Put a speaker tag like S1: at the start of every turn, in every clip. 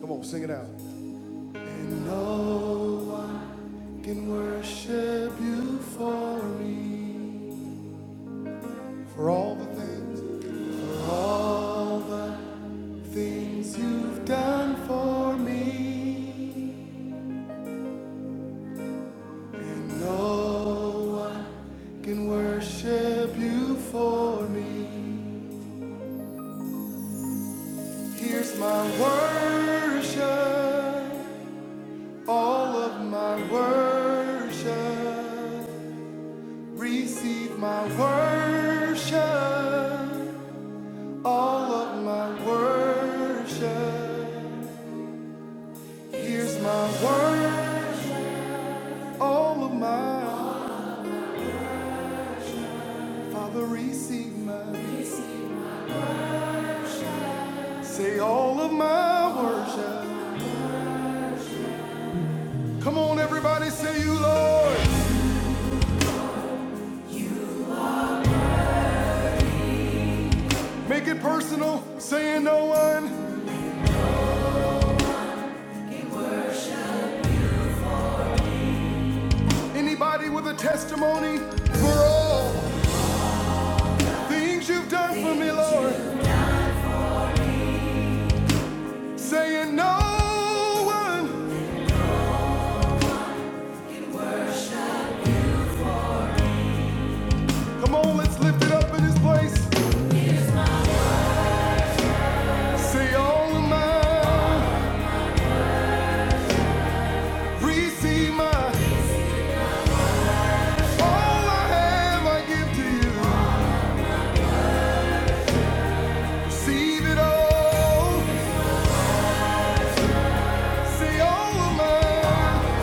S1: Come on, Sing it out. And no one can worship you for me, for all the things, for all the things you've done for me. And no one can worship you for me. Here's my worship, all of my worship. Receive my worship, all of my worship. Here's my worship, all of my Father, receive my. Say all of my worship. Come on, everybody, say you, Lord. Make it personal, saying no one. Anybody with a testimony for all things you've done for me, Lord. Saying no one. Come on, let's lift it up in this place. Say all of mine, receive mine. All I have, I give to you. Receive it all. Say all of mine.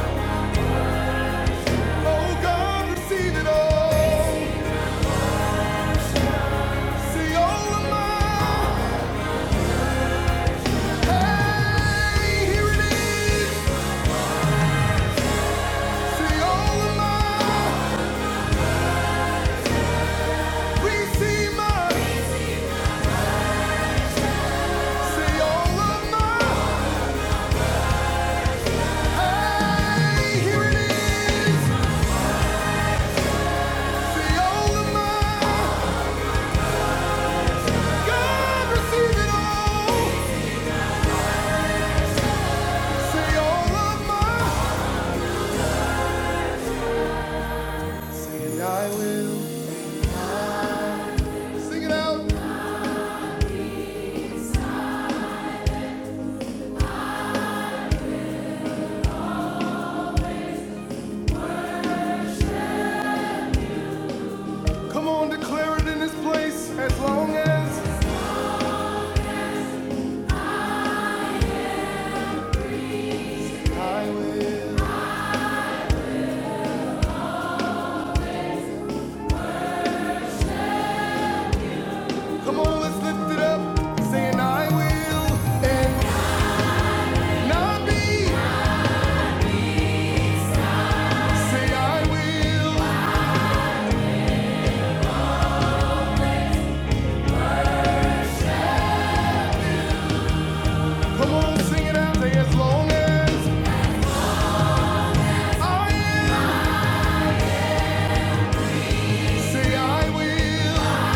S1: Oh God, receive it all. Say all of mine. As long as I will. Come on, let's lift it up, saying I will, and not be. Say I will. Come on, sing it out. Say as long as I am. Say I will.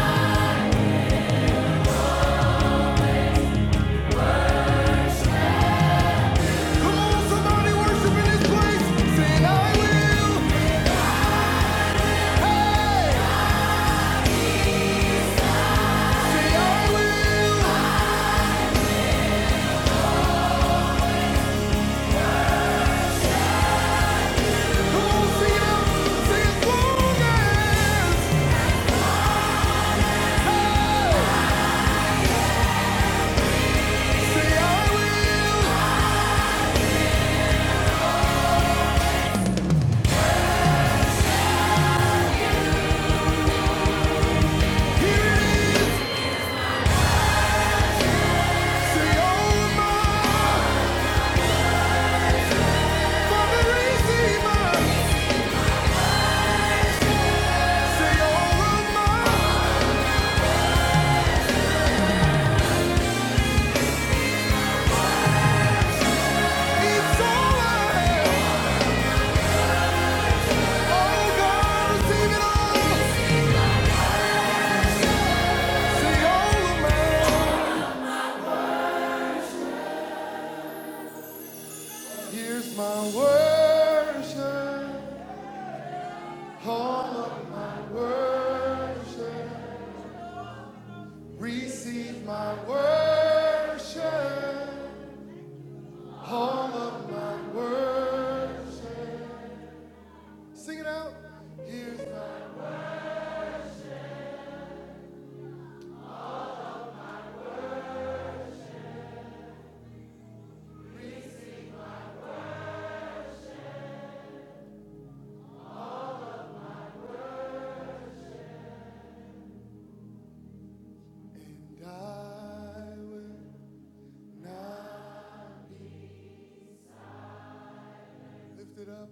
S1: Come on, somebody worship in this place. Say I will. Hey, say I will. Come on, sing it out. Say as long as. Hey, I will. Hear it. Say all of my Father, receive mine. Say all of my. It's all I have. Oh, girl, sing it all. Sing all the man. Here's my worship. All of my worship. Receive my worship. All of my worship. Sing it out. Here's my and I will not lift it up.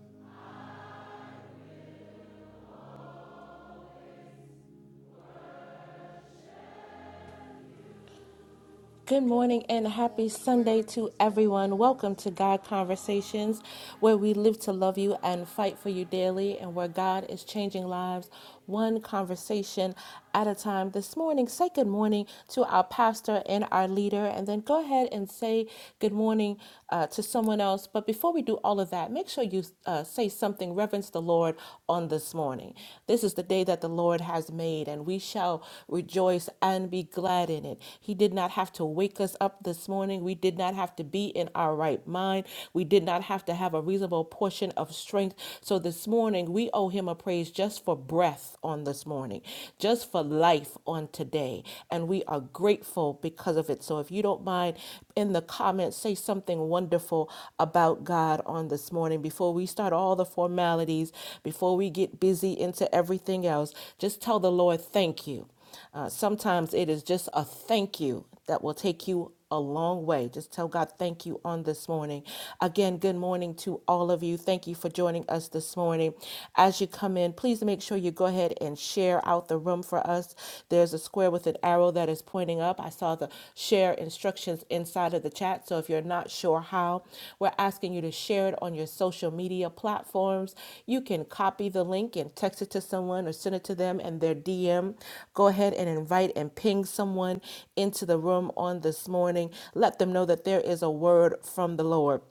S2: Good morning and
S1: Come on,
S2: happy
S1: declare
S2: Sunday
S1: it
S2: to
S1: as long
S2: everyone.
S1: as.
S2: Welcome to God Conversations, where we live to love you and fight for you daily, and where God is changing lives one conversation at a time. This morning, say good morning to our pastor and our leader, and then go ahead and say good morning uh, to someone else. But before we do all of that, make sure you uh, say something, reverence the Lord on this this morning. This is the day that the Lord has made, and we shall rejoice and be glad in it. He did not have to wake us up this morning. We did not have to be in our right mind. We did not have to have a reasonable portion of strength. So this morning, we owe him a praise just for breath life on this morning, just for life on today. And we are grateful because of it. So if you don't mind, in the comments, say something wonderful about God on this morning before we start all the formalities, before we get busy into everything else. Just tell the Lord, thank you. Uh, sometimes it is just a thank you that will take you a long way. Just tell God thank you on this morning. Again, good morning to all of you. Thank you for joining us this morning. As you come in, please make sure you go ahead and share out the room for us. There's a square with an arrow that is pointing up. I saw the share instructions inside of the chat. So if you're not sure how, we're asking you to share it on your social media platforms. You can copy the link and text it to someone or send it to them in their DM. Go ahead and invite and ping someone into the room on this morning. Let them know that there is a word from the Lord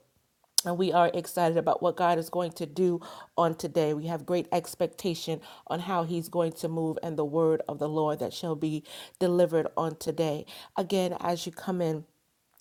S2: and we are excited about what God is going to do on today. We have great expectation on how He's going to move and the word of the Lord that shall be delivered on today. Again, as you come in,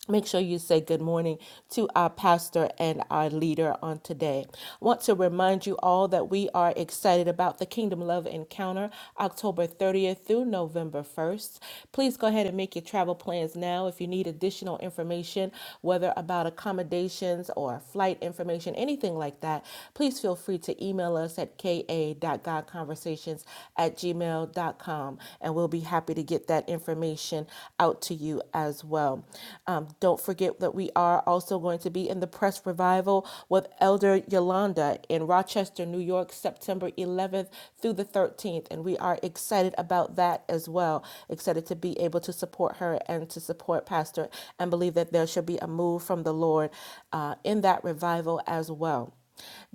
S2: Make sure you say good morning to our pastor and our leader on today. I want to remind you all that we are excited about the Kingdom Love Encounter October 30th through November 1st. Please go ahead and make your travel plans now. If you need additional information, whether about accommodations or flight information, anything like that, please feel free to email us at ka dot ka.godconversations at gmail dot com, and we'll be happy to get that information out to you you as well. Um, don't forget that we are also going to be in the press revival with Elder Yolanda in Rochester, New York, September 11th through the 13th. And we are excited about that as well. Excited to be able to support her and to support Pastor and believe that there should be a move from the Lord uh, in that revival as well.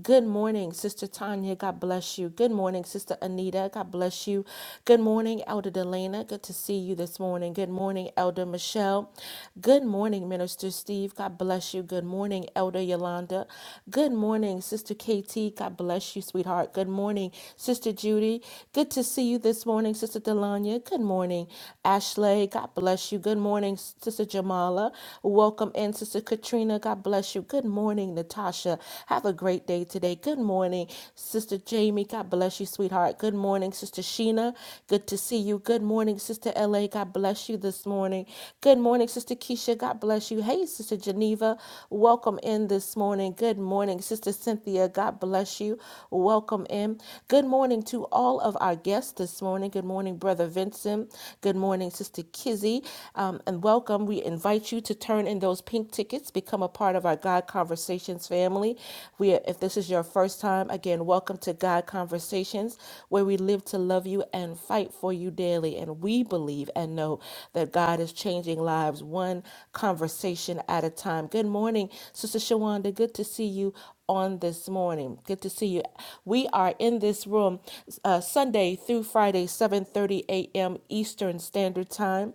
S2: Good morning, Sister Tanya. God bless you. Good morning, Sister Anita. God bless you. Good morning, Elder Delana. Good to see you this morning. Good morning, Elder Michelle. Good morning, Minister Steve. God bless you. Good morning, Elder Yolanda. Good morning, Sister KT. God bless you, sweetheart. Good morning, Sister Judy. Good to see you this morning, Sister Delanya. Good morning, Ashley. God bless you. Good morning, Sister Jamala. Welcome in, Sister Katrina. God bless you. Good morning, Natasha. Have a great day today. Good morning, Sister Jamie. God bless you, sweetheart. Good morning, Sister Sheena. Good to see you. Good morning, Sister LA. God bless you this morning. Good morning, Sister Keisha. God bless you. Hey, Sister Geneva. Welcome in this morning. Good morning, Sister Cynthia. God bless you. Welcome in. Good morning to all of our guests this morning. Good morning, Brother Vincent. Good morning, Sister Kizzy. Um, and welcome. We invite you to turn in those pink tickets, become a part of our God Conversations family. We, if this is your first time, again, welcome to God Conversations, where we live to love you and fight for you daily. And we believe and know that God is changing lives one conversation at a time. Good morning, Sister Shawanda. Good to see you on this morning. Good to see you. We are in this room uh, Sunday through Friday, 7:30 a.m. Eastern Standard Time,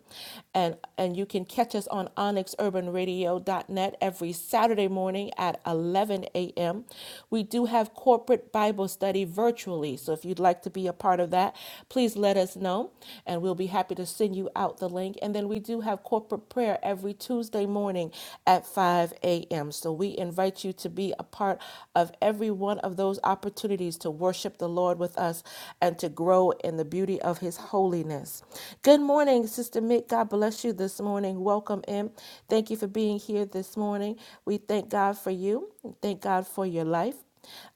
S2: and and you can catch us on OnyxUrbanRadio.net every Saturday morning at 11 a.m. We do have corporate Bible study virtually, so if you'd like to be a part of that, please let us know, and we'll be happy to send you out the link. And then we do have corporate prayer every Tuesday. Tuesday morning at 5 a.m. So we invite you to be a part of every one of those opportunities to worship the Lord with us and to grow in the beauty of his holiness. Good morning, Sister Mick. God bless you this morning. Welcome in. Thank you for being here this morning. We thank God for you. Thank God for your life.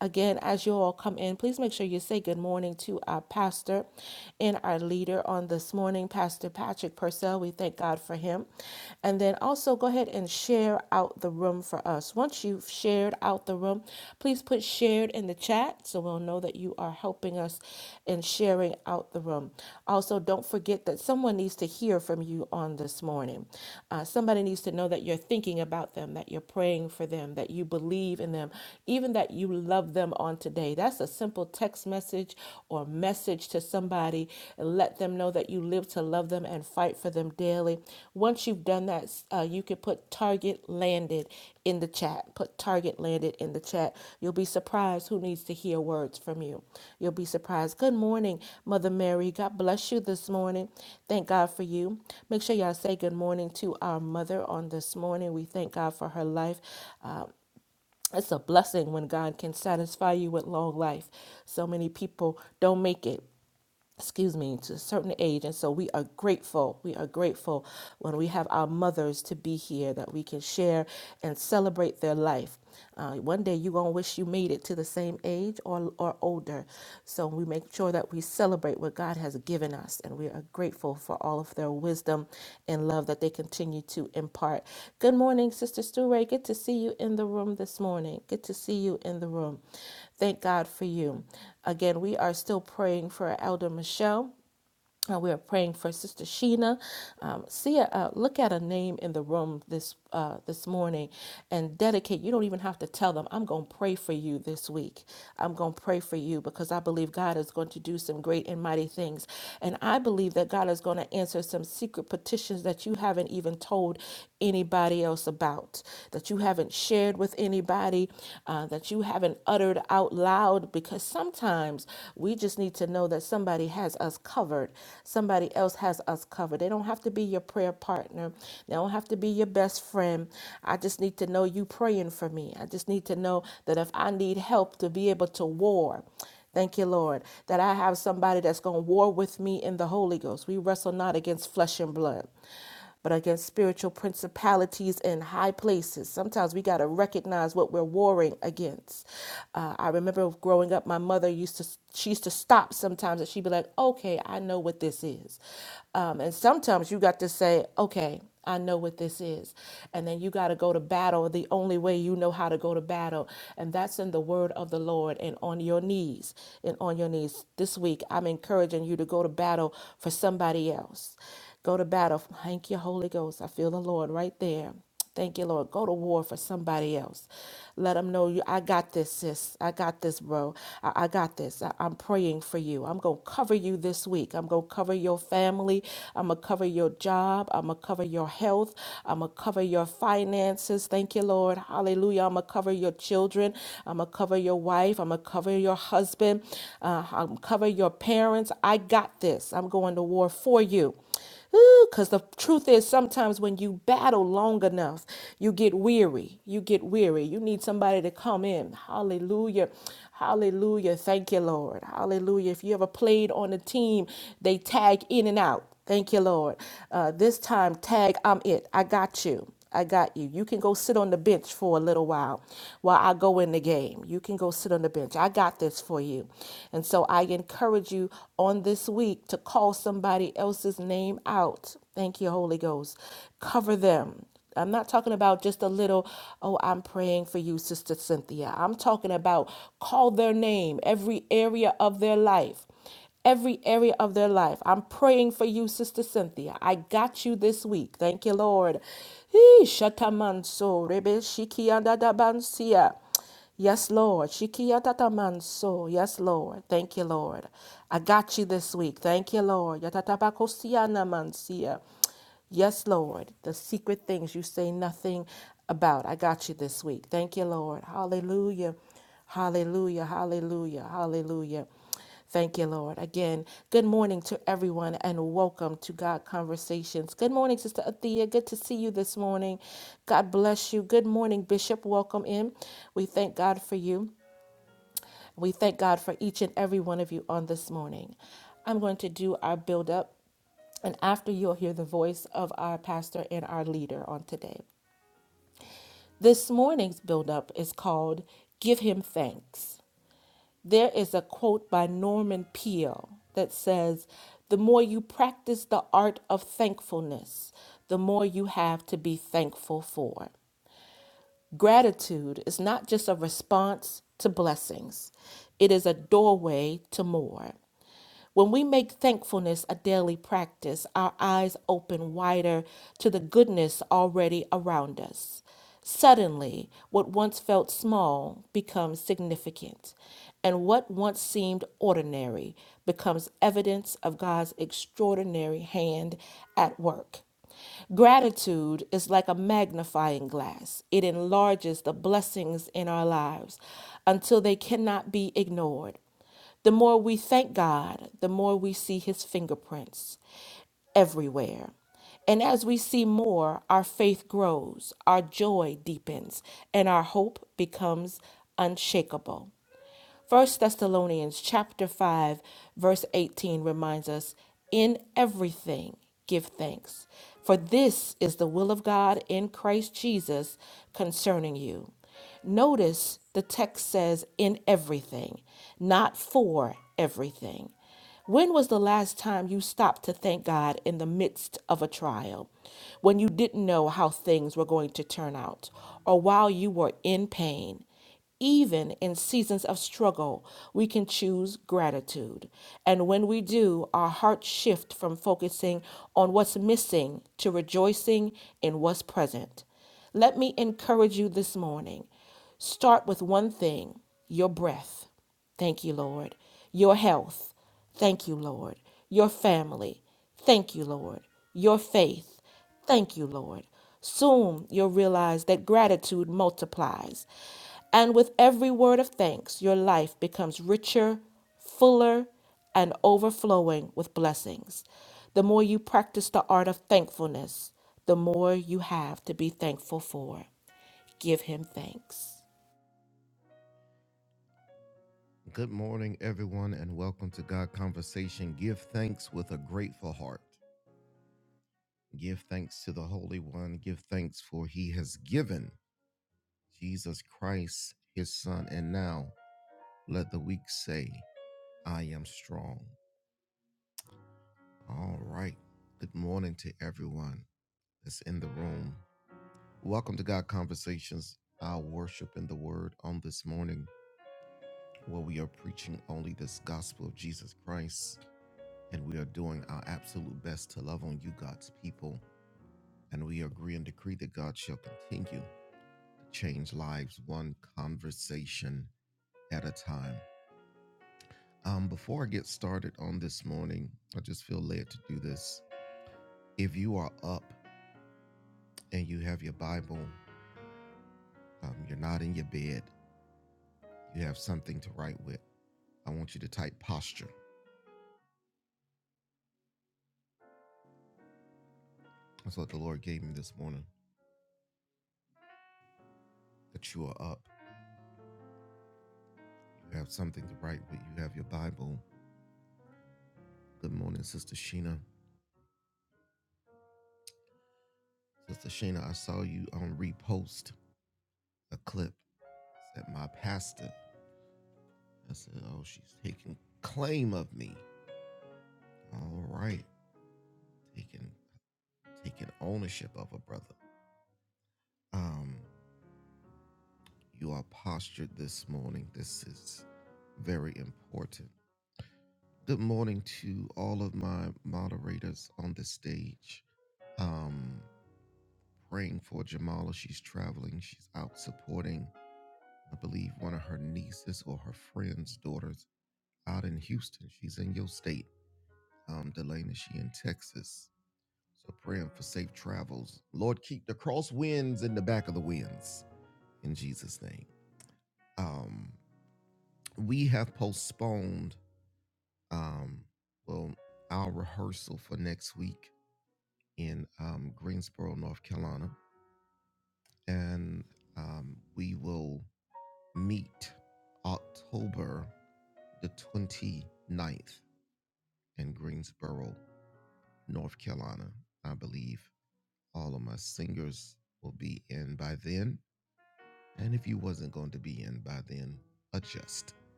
S2: Again, as you all come in, please make sure you say good morning to our pastor and our leader on this morning, Pastor Patrick Purcell. We thank God for him. And then also go ahead and share out the room for us. Once you've shared out the room, please put shared in the chat so we'll know that you are helping us in sharing out the room. Also, don't forget that someone needs to hear from you on this morning. Uh, somebody needs to know that you're thinking about them, that you're praying for them, that you believe in them them, even that you love them on today. That's a simple text message or message to somebody and let them know that you live to love them and fight for them daily. Once you've done that, uh, you can put target landed in the chat. Put target landed in the chat. You'll be surprised who needs to hear words from you. You'll be surprised. Good morning, Mother Mary. God bless you this morning. Thank God for you. Make sure y'all say good morning to our mother on this morning. We thank God for her life. Uh, it's a blessing when God can satisfy you with long life. So many people don't make it, excuse me, to a certain age. And so we are grateful. We are grateful when we have our mothers to be here that we can share and celebrate their life. Uh, one day you're going to wish you made it to the same age or, or older. So we make sure that we celebrate what God God has given us. And we are grateful for all of their wisdom and love that they continue to impart. Good morning, Sister Stu Ray. Good to see you in the room this morning. Good to see you in the room. Thank God for you. Again, we are still praying for Elder Michelle. Uh, we are praying for Sister Sheena. Um, see, a, uh, look at a name in the room this uh, this morning, and dedicate. You don't even have to tell them. I'm going to pray for you this week. I'm going to pray for you because I believe God is going to do some great and mighty things, and I believe that God is going to answer some secret petitions that you haven't even told anybody else about, that you haven't shared with anybody, uh, that you haven't uttered out loud. Because sometimes we just need to know that somebody has us covered. Somebody else has us covered. They don't have to be your prayer partner. They don't have to be your best friend. I just need to know you praying for me. I just need to know that if I need help to be able to war, Thank you, Lord, that I have somebody that's going to war with me in the Holy Ghost. We wrestle not against flesh and blood but against spiritual principalities in high places. Sometimes we got to recognize what we're warring against. Uh, I remember growing up, my mother used to, she used to stop sometimes and she'd be like, okay, I know what this is. Um, and sometimes you got to say, okay, I know what this is. And then you got to go to battle the only way you know how to go to battle. And that's in the word of the Lord and on your knees. And on your knees. This week, I'm encouraging you to go to battle for somebody else. Go to battle. Thank you, Holy Ghost. I feel the Lord right there. Thank you, Lord. Go to war for somebody else. Let them know you. I got this, sis. I got this, bro. I, I got this. I, am praying for you. I'm gonna cover you this week. I'm gonna cover your family. I'm gonna cover your job. I'm gonna cover your health. I'm gonna cover your finances. Thank you, Lord. Hallelujah. I'm gonna cover your children. I'm gonna cover your wife. I'm gonna cover your husband. Uh, I'm going to cover your parents. I got this. I'm going to war for you. Because the truth is, sometimes when you battle long enough, you get weary. You get weary. You need somebody to come in. Hallelujah. Hallelujah. Thank you, Lord. Hallelujah. If you ever played on a team, they tag in and out. Thank you, Lord. Uh, this time, tag, I'm it. I got you. I got you. You can go sit on the bench for a little while while I go in the game. You can go sit on the bench. I got this for you. And so I encourage you on this week to call somebody else's name out. Thank you, Holy Ghost. Cover them. I'm not talking about just a little, oh, I'm praying for you, Sister Cynthia. I'm talking about call their name, every area of their life every area of their life. I'm praying for you, Sister Cynthia. I got you this week. Thank you, Lord. Hee, shatamanso, rebe shikiandadabansia. Yes, Lord. Shikiatatamanso. Yes, Lord. Thank you, Lord. I got you this week. Thank you, Lord. Yatatabakosianamansia. Yes, Lord. The secret things you say nothing about. I got you this week. Thank you, Lord. Hallelujah. Hallelujah. Hallelujah. Hallelujah. Thank you, Lord. Again, good morning to everyone and welcome to God Conversations. Good morning, Sister Athea. Good to see you this morning. God bless you. Good morning, Bishop. Welcome in. We thank God for you. We thank God for each and every one of you on this morning. I'm going to do our build up, and after you'll hear the voice of our pastor and our leader on today. This morning's build up is called Give Him Thanks. There is a quote by Norman Peale that says, The more you practice the art of thankfulness, the more you have to be thankful for. Gratitude is not just a response to blessings, it is a doorway to more. When we make thankfulness a daily practice, our eyes open wider to the goodness already around us. Suddenly, what once felt small becomes significant, and what once seemed ordinary becomes evidence of God's extraordinary hand at work. Gratitude is like a magnifying glass. It enlarges the blessings in our lives until they cannot be ignored. The more we thank God, the more we see His fingerprints everywhere. And as we see more, our faith grows, our joy deepens, and our hope becomes unshakable. First Thessalonians chapter 5 verse 18 reminds us in everything give thanks for this is the will of God in Christ Jesus concerning you. Notice the text says in everything, not for everything. When was the last time you stopped to thank God in the midst of a trial, when you didn't know how things were going to turn out, or while you were in pain? Even in seasons of struggle, we can choose gratitude. And when we do, our hearts shift from focusing on what's missing to rejoicing in what's present. Let me encourage you this morning. Start with one thing your breath. Thank you, Lord. Your health. Thank you, Lord. Your family. Thank you, Lord. Your faith. Thank you, Lord. Soon you'll realize that gratitude multiplies. And with every word of thanks, your life becomes richer, fuller, and overflowing with blessings. The more you practice the art of thankfulness, the more you have to be thankful for. Give Him thanks.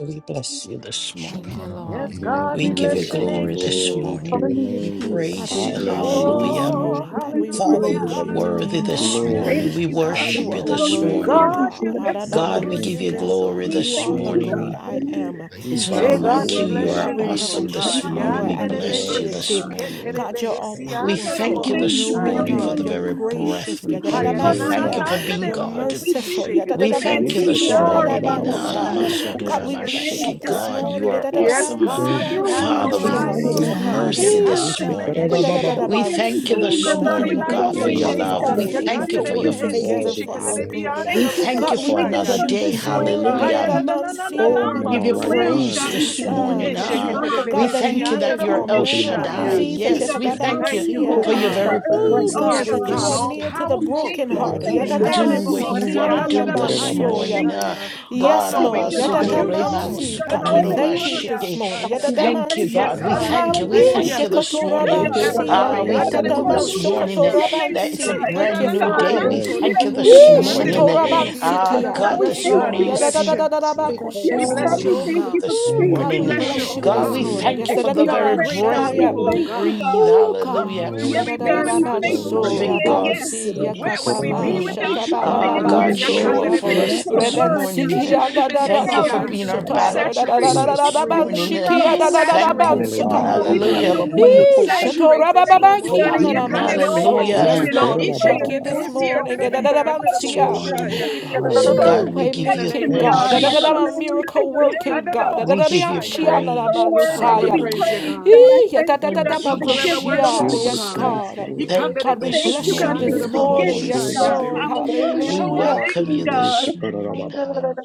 S3: We bless you this
S2: Thank
S3: morning.
S4: Thank
S2: you,
S4: you,
S2: Lord.
S5: Yes,
S4: Jesus.
S6: Thank
S5: God,
S3: We
S5: we
S6: you,
S3: give you
S5: bless
S6: Lord.
S5: your
S2: Nidalabanso.
S4: Hallelujah.
S5: name,
S3: glory
S2: Thank you,
S3: this
S6: Glory
S5: Jesus.
S6: to
S2: Lord.
S3: morning.
S6: your
S7: Hallelujah,
S3: We
S6: name,
S7: Jesus.
S6: Lord.
S2: God,
S4: We
S3: praise
S2: we
S3: you.
S4: give you all
S2: bless
S4: the
S2: you this
S4: glory.
S3: Hallelujah.
S4: Thank
S6: Hallelujah.
S5: Oh,
S4: you,
S2: morning.
S7: This
S2: God,
S7: is
S2: we
S7: the
S5: hallelujah,
S3: Father,
S7: glory
S4: Jesus.
S3: you
S7: of
S2: reverence
S3: are
S2: you
S7: your
S6: Lord.
S7: name.
S3: worthy
S2: today,
S7: This is
S3: this
S2: God.
S5: hallelujah.
S7: the-
S4: Thank
S3: morning.
S6: Glory.
S3: We
S4: you, God.
S2: God,
S6: Thank
S2: you
S3: worship
S6: you
S3: you
S2: are
S6: for
S3: this
S6: today,
S2: worthy,
S4: Hallelujah,
S3: morning.
S6: Lord.
S7: We
S5: God,
S4: God.
S2: God.
S5: you've
S7: bless
S5: been
S4: Yes,
S7: you,
S5: so
S3: God, we
S7: Lord.
S5: good,
S3: give
S6: Thank
S5: you've
S3: you
S5: been
S6: you.
S2: Hadalabansia.
S5: so
S2: God,
S3: glory
S4: we
S5: good.
S2: you
S3: this
S4: thank
S2: are the
S4: you,
S2: great
S6: Thank
S4: God.
S3: morning.
S2: I
S6: you,
S7: Hallelujah,
S6: Lord.
S2: am.
S6: We
S3: It's
S7: Jesus.
S6: bow
S5: Hey,
S3: none
S4: God, we
S5: God,
S3: like
S6: before
S5: we
S3: you.
S4: love
S6: you,
S4: you,
S3: You
S2: Hallelujah.
S5: bless
S2: God,
S5: your
S3: are
S4: God.
S6: Lord.
S2: we
S4: We
S5: name, oh
S3: awesome
S4: thank
S2: reverence
S4: you,
S2: your
S7: Thank
S5: God.
S3: this
S4: God, for
S6: We
S7: you
S3: morning.
S4: your
S2: power
S3: We
S7: for
S6: give
S7: the
S2: and
S6: you
S4: grace
S2: your
S4: and
S3: bless
S5: Yanderebehe,
S3: you
S6: all the
S4: mercy,
S3: this
S2: deity.
S4: God.
S6: honor today,
S3: morning.
S6: Lord.
S2: God, you're
S5: shiketerebehe,
S2: all
S6: Thank
S3: We
S4: Oh,
S6: you.
S4: God, we
S2: powerful,
S3: thank you
S2: all
S4: thank
S7: security
S4: you
S3: this
S4: for
S2: knowing,
S4: your
S3: morning
S7: around
S5: siyanderebohoshaya.
S6: Thank
S7: us.
S3: for the
S2: God.
S6: you,
S2: You're
S4: love,
S3: very
S6: Lord.
S4: God. We thank
S3: breath
S2: gracious.
S4: you
S3: we
S4: for the
S6: We
S3: breathe. We
S4: covering,
S3: thank you
S6: glorify
S2: Yadadabansia.
S3: for
S4: God.
S6: your
S3: being
S2: You're
S6: holy
S5: Hayananananandereboho,
S3: God.
S4: We
S6: name.
S4: thank
S2: merciful.
S4: you for
S3: We
S4: just being
S3: thank
S5: sisheketerebehe,
S6: Thank
S3: you
S4: who
S2: Yadadabansiki
S4: you
S3: this
S4: are,
S7: Yes,
S3: morning.
S4: God.
S3: in
S7: God.
S2: andadabansa.
S7: Yes,
S4: Hallelujah,
S5: siyanderebohoshaya.
S4: God,
S7: God.
S2: God,
S4: to
S2: we
S7: Yes,
S2: bless
S4: your
S2: bless
S7: God.
S2: you
S4: name,
S3: Aramasuturabashiki.
S7: Yes,
S4: God.
S2: this
S3: God,
S7: God.
S3: you
S2: morning.
S3: are
S4: We thank
S5: Yes,
S3: awesome.
S4: you for your
S5: God, you
S6: you.
S5: have
S4: healing,
S7: We
S5: no
S3: Father, we
S4: God.
S7: bless
S4: We
S2: Yadadadabansianamansa.
S4: thank
S3: thank you
S5: rival,
S4: you
S7: your
S5: oh
S3: for
S6: Thank
S4: for
S7: name,
S5: God.
S7: God.
S3: mercy
S4: comfort,
S2: Ee,
S6: you,
S3: this
S4: God.
S2: God,
S3: morning.
S4: We thank
S5: Yakanderebeheshia.
S4: you for
S3: We
S4: being a
S6: Lord.
S3: thank you
S2: yadadadadabanso.
S3: this
S4: redeemer,
S2: Yeah, the,
S7: We
S4: God,
S7: give
S4: and
S5: Nobody
S7: you
S3: morning,
S2: the
S7: glory
S5: like
S3: God,
S2: God
S3: for
S5: you,
S2: that
S7: and
S4: restoring
S3: your
S7: honor,
S6: Thank
S4: us,
S2: causes
S6: you,
S3: love.
S2: all
S5: Jesus.
S4: God.
S3: We
S6: Lord.
S4: We
S7: Lord
S2: things
S7: God.
S3: thank you
S5: Yakanda
S2: to
S4: thank
S6: We
S5: de
S3: for
S4: you,
S3: your
S2: work
S6: give
S4: God.
S6: you
S5: behesi,
S6: all
S2: together
S6: the
S2: for
S5: shikata
S3: faithfulness.
S2: our
S5: de
S6: glory
S2: good.
S6: and
S5: beyond
S4: Thank
S3: We
S5: the
S4: you,
S6: honor,
S4: God,
S3: thank
S6: Lord.
S3: you
S2: God,
S4: for
S2: we
S3: for
S4: waking us
S5: bohoshaya.
S3: another
S2: bless
S7: Thank
S4: up
S2: you
S3: day.
S4: this
S7: you,
S2: this
S4: morning,
S6: Thank
S7: Jesus.
S2: morning.
S4: God, to
S3: Hallelujah.
S6: you
S4: the
S5: Hayada da na
S4: movement
S5: na
S4: of our
S5: na
S6: for
S5: na
S3: Oh,
S6: being
S3: we
S6: in
S4: arms
S6: my
S3: give
S5: man
S4: and
S3: you
S5: the
S4: our
S6: right
S4: limbs,
S2: Yadadamansianamansa.
S6: mind,
S3: praise
S4: God.
S7: We
S6: Lord.
S5: bohoshi.
S4: We
S3: this
S7: give
S4: thank
S7: you
S6: Thank
S4: you
S2: Uh,
S7: glory,
S4: for
S3: morning.
S6: you,
S2: Because
S4: right
S6: Lord.
S2: you
S3: Ah,
S7: Jesus.
S5: Eshekete
S2: are
S5: de
S2: the
S4: minds,
S3: we
S2: God
S4: God.
S2: that
S5: behesi
S3: thank you
S5: under
S3: that
S2: heals
S5: the
S4: We
S3: you're
S6: For
S2: all
S3: El
S4: thank you
S6: opening
S2: manner
S4: for
S2: of
S3: Shaddai.
S6: my
S5: bohoshaya.
S6: eyes,
S4: safety,
S2: diseases.
S3: Yes,
S6: Lord.
S3: we
S4: God.
S5: We
S6: Thank
S3: thank you
S6: you,
S5: thank you,
S4: Hallelujah,
S5: oh
S2: Yatadabansia.
S6: Lord.
S3: for your
S4: God,
S7: Hallelujah,
S6: For
S5: God.
S6: my
S7: God.
S3: very
S4: wherever we
S2: Ooh,
S6: family,
S4: are,
S3: presence,
S2: God,
S5: Yes,
S6: Lord.
S2: that
S3: Holy
S4: God.
S2: you
S5: God,
S6: Being
S2: are
S6: in my
S3: Spirit.
S5: all
S2: near
S6: right.
S2: to the
S4: We
S5: powerful.
S4: thank you
S3: Now
S4: for
S2: brokenhearted.
S4: safe
S3: come
S6: Glory.
S3: and
S7: Thank
S3: do
S5: Ikanda
S7: you,
S5: de
S4: travels,
S3: what
S4: God.
S7: Jesus.
S3: you
S5: bohosi,
S3: want to
S5: anda
S3: do
S5: the
S4: Hallelujah, God.
S3: this
S4: We
S5: bahaya
S4: just
S2: Yatatamansikiananamansoya.
S3: morning.
S4: thank
S3: Uh,
S4: you.
S5: shaya. All
S3: God,
S2: Yes, Yes,
S4: We give
S5: knowing
S2: Lord.
S4: your
S7: Yes,
S4: name
S5: God,
S7: God.
S3: Abasoto
S4: all
S5: you
S4: the
S6: Yes,
S3: Reban
S5: know.
S4: glory,
S6: Lord.
S2: Yadatamansi.
S4: God, and
S2: God,
S5: Ikanda
S2: we
S5: de
S4: all
S3: Sukutoro
S4: the
S6: Thank
S7: Thank
S2: thank
S6: you,
S7: you,
S2: you
S4: honor,
S6: Lord.
S5: behesi
S4: God.
S2: this
S3: Rashiki.
S2: morning.
S5: ashaya.
S4: We
S3: thank you,
S4: thank you,
S5: Yes,
S3: God.
S2: Yadatamanso.
S3: We
S4: God.
S6: Thank
S5: God, we
S3: thank you. We
S6: you.
S7: Yes,
S2: He
S5: thank
S7: God.
S4: Hallelujah
S3: thank you
S5: you.
S4: to your
S3: this
S4: name,
S7: Yes,
S3: morning.
S4: God.
S6: Cover
S5: Ever
S3: Ah,
S2: shekotorabansia.
S7: God.
S5: loving.
S6: everybody
S3: we
S6: in the
S5: Anda de
S3: thank you
S6: room,
S7: Hallelujah.
S3: this
S6: Lord.
S2: Yatatamanso
S4: Hallelujah
S3: morning uh,
S4: to
S5: bohoshaya.
S4: your name,
S3: that it's a
S2: kotorabansi.
S5: Eh,
S4: God.
S6: Lord.
S4: Yes,
S2: Thank you,
S3: brand new
S7: Thank
S4: God.
S2: Father.
S3: day.
S4: Yes,
S3: We
S4: yes,
S6: Yes.
S5: adanananananto
S3: thank
S4: yes,
S3: you
S5: doboho,
S3: this
S2: He
S5: she ande
S4: yes.
S5: de
S3: morning.
S6: Yes,
S3: uh,
S4: God.
S6: yes,
S5: behesie. Eh,
S3: Ah,
S4: Yes,
S2: shetorabansikia.
S4: God,
S3: God,
S4: we
S2: Yes,
S5: Eh,
S3: this
S4: thank
S5: God,
S3: morning
S2: Lord.
S4: you.
S5: we
S3: you
S4: God.
S5: bless
S3: see.
S5: you.
S6: yes,
S3: fit
S6: Lord.
S3: For
S4: Yes,
S5: We
S3: us to
S4: God,
S2: Yadadadadadabakushia.
S5: bless
S3: be
S6: Lord.
S4: we
S5: you, oh
S4: thank
S3: here
S4: you
S5: God.
S4: for
S3: this
S2: Ooh,
S6: Thank
S2: God,
S5: We
S4: safety,
S2: we
S3: morning.
S6: you.
S5: bless
S4: God.
S5: you,
S2: bless
S5: oh
S2: you
S3: God,
S4: As
S2: this
S3: we
S5: God.
S2: morning.
S6: Hallelujah.
S3: thank
S2: Yes,
S3: you
S2: da
S3: for
S2: da
S4: we
S3: the
S5: We
S2: da
S5: are a
S3: very
S4: slept,
S5: grateful
S3: breath
S4: God, we
S3: that
S5: people,
S3: we
S5: oh
S4: thank
S6: Hallelujah.
S2: da
S4: you,
S5: God.
S3: breathe.
S4: God.
S2: Ooh,
S5: Whew,
S3: Hallelujah.
S2: God.
S5: Where would
S4: Yes,
S6: Thank
S5: we
S6: you,
S3: The
S5: be
S4: God,
S2: yadadadada
S4: we
S6: Lord,
S3: Spirit
S5: without you,
S3: of
S6: for
S4: thank
S3: the
S4: you
S5: oh
S4: for
S6: one
S2: banso!
S6: more
S3: living
S4: saying
S5: Jesus?
S6: breath,
S3: God
S4: yes.
S6: Lord.
S3: sit
S2: rabansi,
S6: Yes.
S3: on
S5: Where would
S3: us.
S5: we be
S4: We
S3: Mhm.
S4: thank
S2: yakatamanshata,
S5: without
S4: you
S5: you,
S4: for
S5: oh
S3: Ah,
S4: saying
S5: God?
S3: God,
S4: yes,
S2: banso!
S3: show
S4: God.
S5: Yakande
S3: up
S4: We
S2: ya.
S5: de
S3: for
S4: thank you
S3: us
S4: for the
S5: behesia.
S3: this
S4: blood,
S3: morning.
S4: God.
S2: Rebensiki,
S4: We
S5: Ishate de
S4: thank you for
S3: Thank you for
S4: Calvary,
S5: behesia.
S3: being our
S4: God.
S2: yadadadadamansota,
S3: battle
S4: We
S5: Saturate
S3: axe
S4: just
S6: Thank
S5: this
S6: you.
S4: thank
S3: this
S4: you,
S5: room.
S4: God.
S3: morning. Uh,
S2: yadadadadadabanshiki,
S4: Hallelujah,
S3: Thank
S5: Saturate
S4: God.
S3: you,
S5: this
S4: Yes,
S3: God.
S2: yadadadadabansota,
S5: room,
S6: Hallelujah
S4: God,
S6: to
S5: oh
S2: ya.
S4: even
S6: your
S4: when
S5: God.
S4: we
S3: Hallelujah.
S4: don't
S6: name.
S4: know what to
S3: Mm,
S2: Ee,
S4: say, we
S2: shato,
S4: just
S5: Saturate this
S4: thank
S5: room,
S4: you,
S5: oh
S3: For
S2: rabababaki,
S4: God, and
S5: God.
S4: give
S3: being,
S4: your name all the
S2: ananamanso.
S6: Yes,
S4: glory
S3: hallelujah.
S5: Yakanderebehesia,
S2: Yes,
S4: and
S2: Lord.
S4: all
S2: Lord,
S6: Lord.
S4: the
S2: we thank
S4: praise.
S2: you this
S3: God,
S5: isheterebehesia,
S3: we
S2: morning.
S5: anderebehe,
S3: thank you this
S2: Adadadabansia.
S4: Hallelujah,
S3: morning.
S5: anderebohoshaya.
S4: God. Thank you,
S3: So,
S5: Eh,
S4: God,
S3: God,
S2: Ooh,
S6: Hallelujah,
S4: for
S3: we
S2: way
S6: Lord.
S3: give
S5: In the
S3: you
S4: protection,
S5: name
S2: making
S5: of
S6: Thank
S2: God.
S4: God.
S6: you.
S3: thanks.
S2: Adadadama
S5: Jesus.
S4: Hallelujah to
S2: Miracle
S4: your
S5: Eh,
S2: working
S4: name,
S2: God.
S4: God.
S3: We give you
S6: Thank
S4: You
S5: anderebohoshaya.
S4: are
S6: you.
S4: so
S3: praise.
S5: We'll
S4: worthy to
S5: forever
S4: be
S2: Adadadianshianadamansaya.
S5: praise you,
S3: Hallelujah.
S4: praised, God.
S5: God.
S4: I
S2: Ee,
S4: thank you, God,
S3: Thank
S6: Yes,
S5: We'll
S4: for
S3: you,
S4: the gift
S5: forever
S6: Lord.
S4: of the
S5: worship,
S4: Holy
S6: Fill
S2: yadadadadabakoshia.
S5: oh
S7: you.
S4: Ghost,
S6: this
S2: Yes,
S3: Jesus.
S4: God.
S5: God.
S6: place,
S2: God.
S6: Lord.
S3: Thank you
S2: God, we
S4: Thank
S3: this
S4: you,
S2: bless you
S4: God,
S5: Yakanderebehesia,
S4: for
S3: morning.
S4: your
S2: this
S6: Yes,
S3: Come,
S6: Lord.
S2: morning.
S3: Holy
S4: forgiveness,
S2: Yes,
S6: Fill this
S4: God.
S5: anderebohoshaya.
S2: Lord.
S6: place.
S3: Spirit.
S5: Ah,
S4: Hallelujah
S3: We
S4: to
S5: Show
S4: your
S5: up.
S2: Hallelujah.
S3: welcome
S4: name,
S3: you
S4: God.
S6: Yes,
S3: this morning.
S7: Thank you.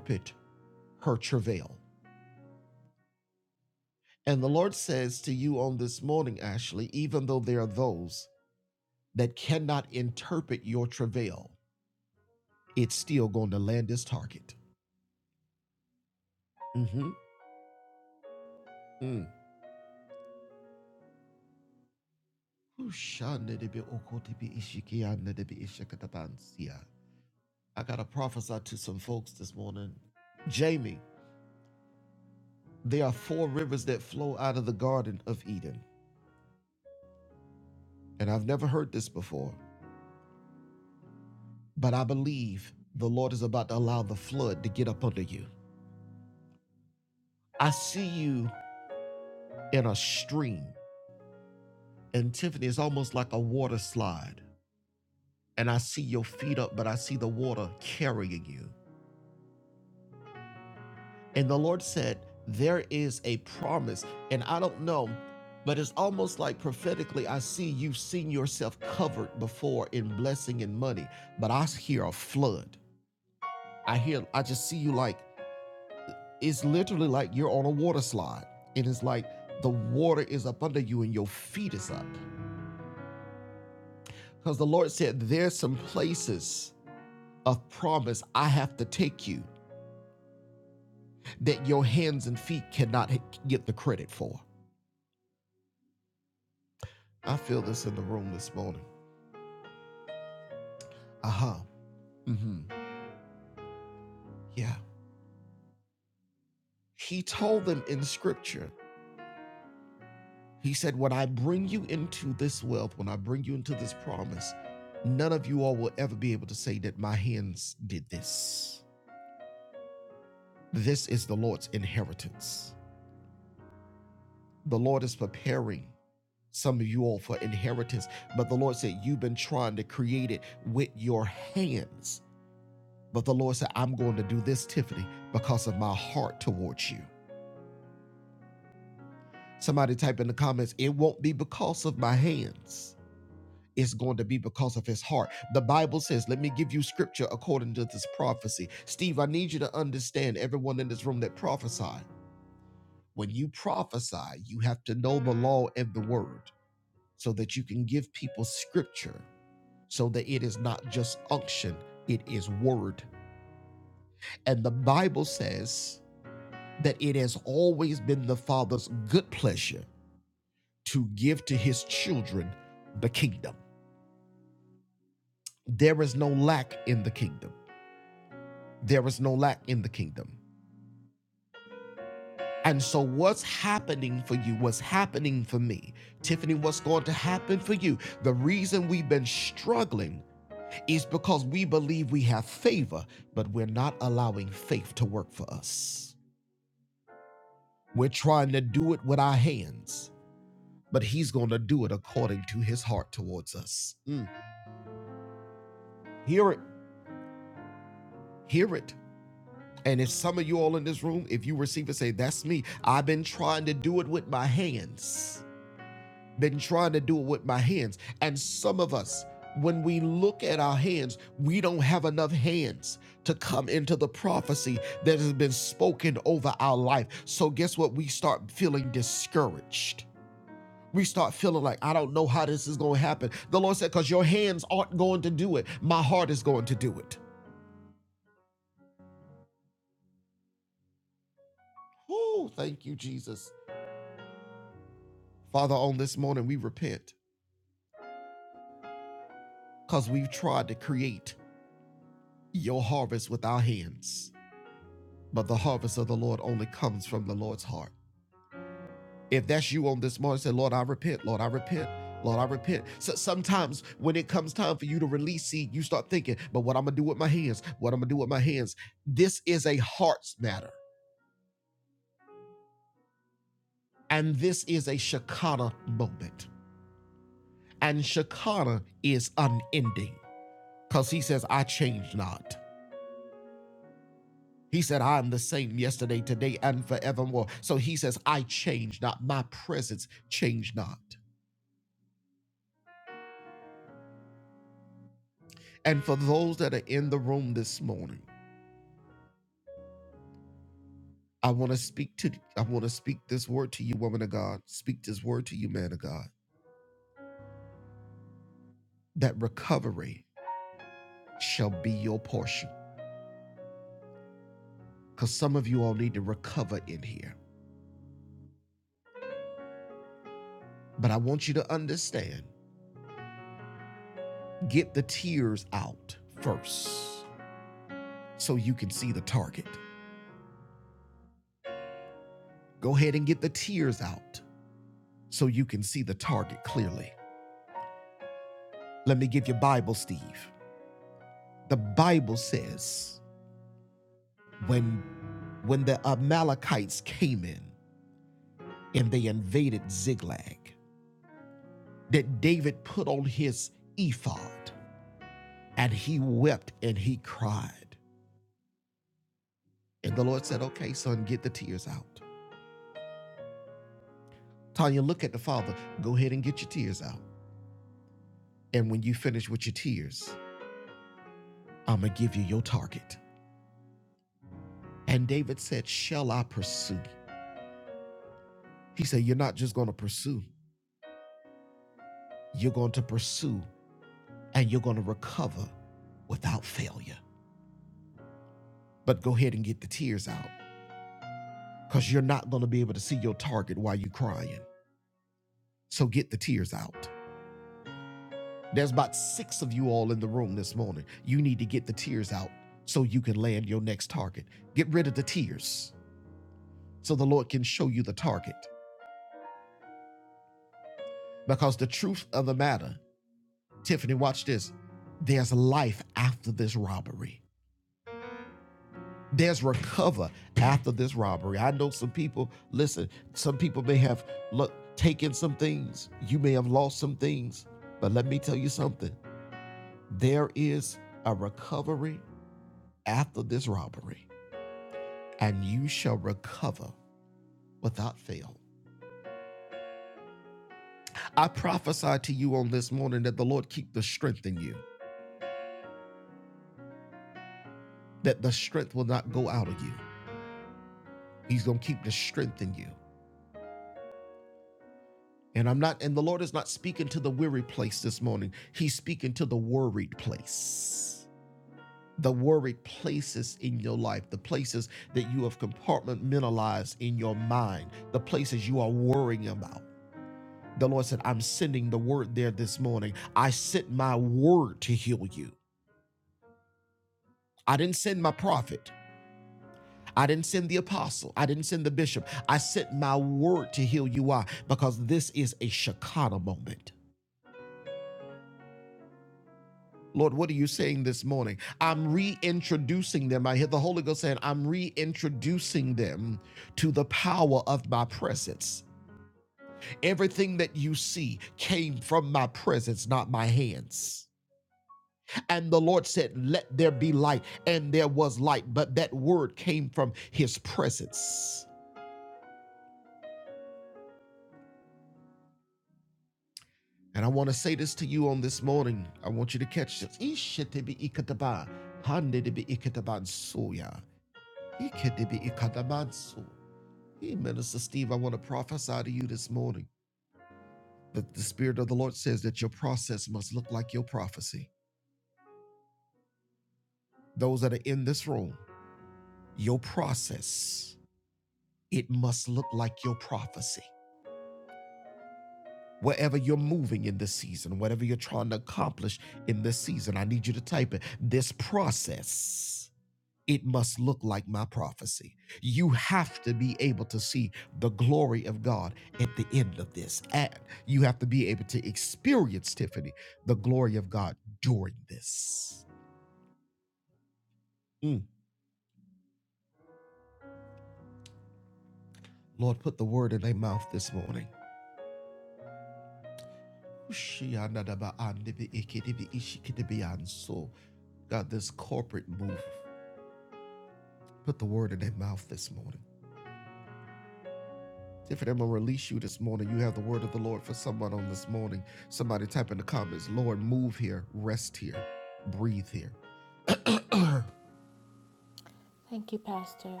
S2: Thank you, Pastor.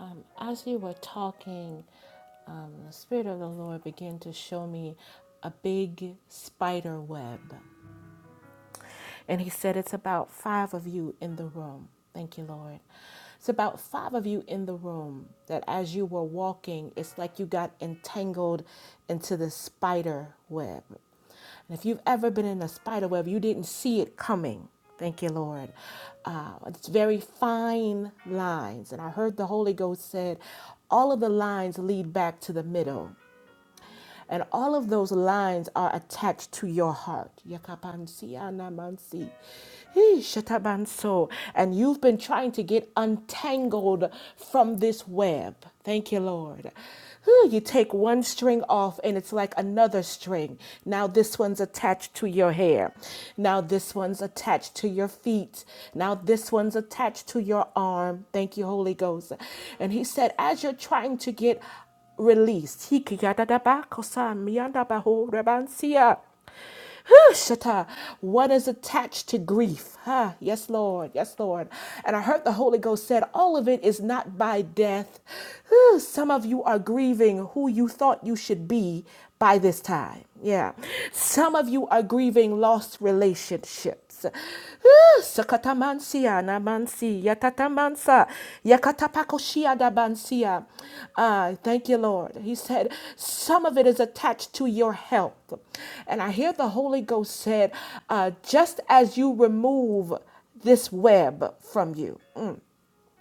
S2: Um, as you were talking, um, the Spirit of the Lord began to show me a big spider web. And he said, It's about five of you in the room. Thank you, Lord. It's about five of you in the room that as you were walking, it's like you got entangled into the spider web. And if you've ever been in a spider web, you didn't see it coming. Thank you, Lord. Uh, it's very fine lines. And I heard the Holy Ghost said, all of the lines lead back to the middle. And all of those lines are attached to your heart. Yakapansi anamansi. Hee, shatabanso. And you've been trying to get untangled from this web. Thank you, Lord. Whew, You take one string off and it's like another string. Now this one's attached to your hair. Now this one's attached to your feet. Now this one's attached to your arm. Thank you, Holy Ghost. And he said, as you're trying to get released. Hikiyadadabakosa miyandabaho rebansia. Whew, Shata, what is attached to grief? Huh? Yes, Lord. Yes, Lord. And I heard the Holy Ghost said, All of it is not by death. Whew, Some of you are grieving who you thought you should be by this time. Yeah. Some of you are grieving lost relationships gifts. Sakatamansia namansi yatatamansa yakatapakoshia dabansia. Ah, thank you, Lord. He said, some of it is attached to your health. And I hear the Holy Ghost said, uh, just as you remove this web from you.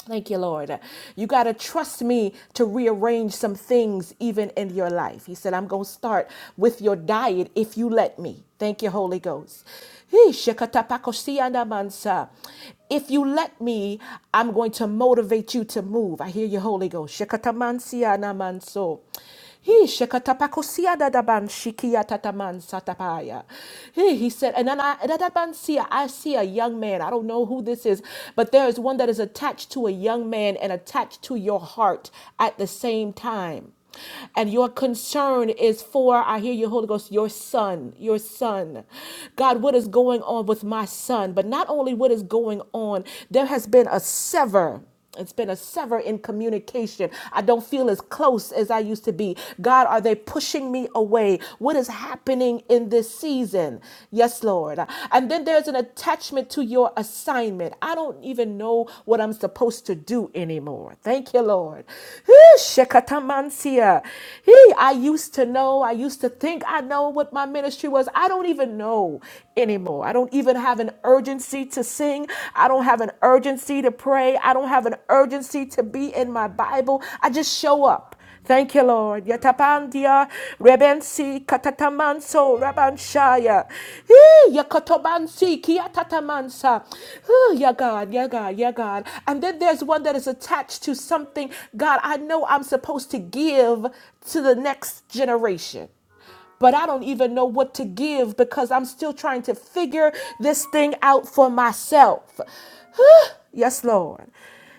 S2: Thank you, Lord. You got to trust me to rearrange some things even in your life. He said, I'm going to start with your diet if you let me. Thank you, Holy Ghost. Hee, shekatapakosianamansa. If you let me, I'm going to motivate you to move. I hear you, Holy Ghost. Shekatamansianamanso. He shekatapakosia dadaban shikia tataman satapaya. He he said, and then I dadaban see I see a young man. I don't know who this is, but there is one that is attached to a young man and attached to your heart at the same time. And your concern is for, I hear you, Holy Ghost, your son, your son. God, what is going on with my son? But not only what is going on, there has been a sever. It's been a sever in communication. I don't feel as close as I used to be. God, are they pushing me away? What is happening in this season? Yes, Lord. And then there's an attachment to your assignment. I don't even know what I'm supposed to do anymore. Thank you, Lord. Hee, shekatamansia. Hee, I used to know. I used to think I know what my ministry was. I don't even know anymore. I don't even have an urgency to sing. I don't have an urgency to pray. I don't have an urgency to be in my Bible. I just show up. Thank you, Lord. Yatapandia, Rebensi, Katatamanso, Rabanshaya. Eh, Yakotobansi, Kiatatamansa. Oh, yeah, God, yeah, God, yeah, God. And then there's one that is attached to something. God, I know I'm supposed to give to the next generation but I don't even know what to give because I'm still trying to figure this thing out for myself. yes, Lord.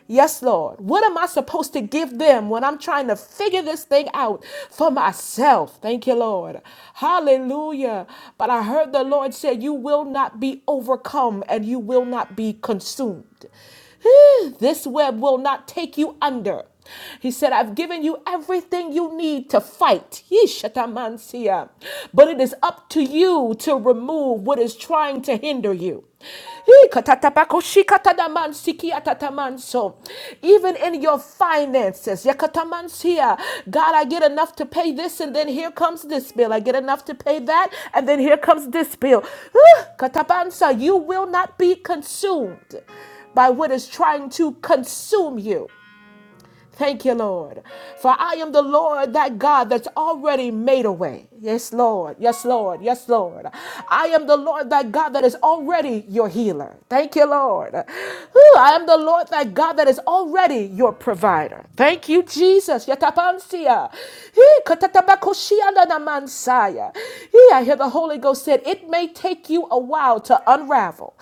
S2: Yes, Lord. What am I supposed to give them when I'm trying to figure this thing out for myself? Thank you, Lord. Hallelujah. But I heard the Lord say, You will not be overcome and you will not be consumed. This web will not take you under. He said, I've given you everything you need to fight. Yeshatamansia. But it is up to you to remove what is trying to hinder you. Ikatatapakoshikatadamansikiatatamanso. Even in your finances, yakatamansia. God, I get enough to pay this, and then here comes this bill. I get enough to pay that, and then here comes this bill. Ah, Katapansa, you will not be consumed by what is trying to consume you. Thank you, Lord. For I am the Lord, that God that's already made a way. Yes, Lord. Yes, Lord. Yes, Lord. I am the Lord, that God that is already your healer. Thank you, Lord. Whew, I am the Lord, that God that is already your provider. Thank you, Jesus. Yatapansia. Hee, katatapakoshiananamansaya. Hee, I hear the Holy Ghost said, It may take you a while to unravel.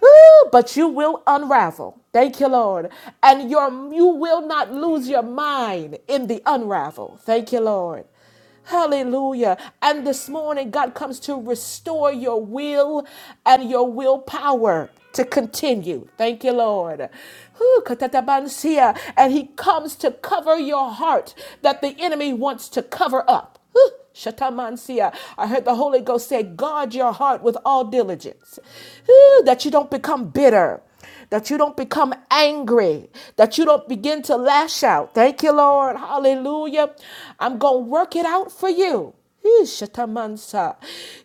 S2: Woo! but you will unravel. Thank you, Lord. And your you will not lose your mind in the unravel. Thank you, Lord. Hallelujah. And this morning, God comes to restore your will and your willpower to continue. Thank you, Lord. Whew, katatabansia. And He comes to cover your heart that the enemy wants to cover up. Huh, Shatamansia. I heard the Holy Ghost say, guard your heart with all diligence, Whew, that you don't become bitter, that you don't become angry, that you don't begin to lash out. Thank you, Lord. Hallelujah. I'm going to work it out for you. Ee, Shatamansa.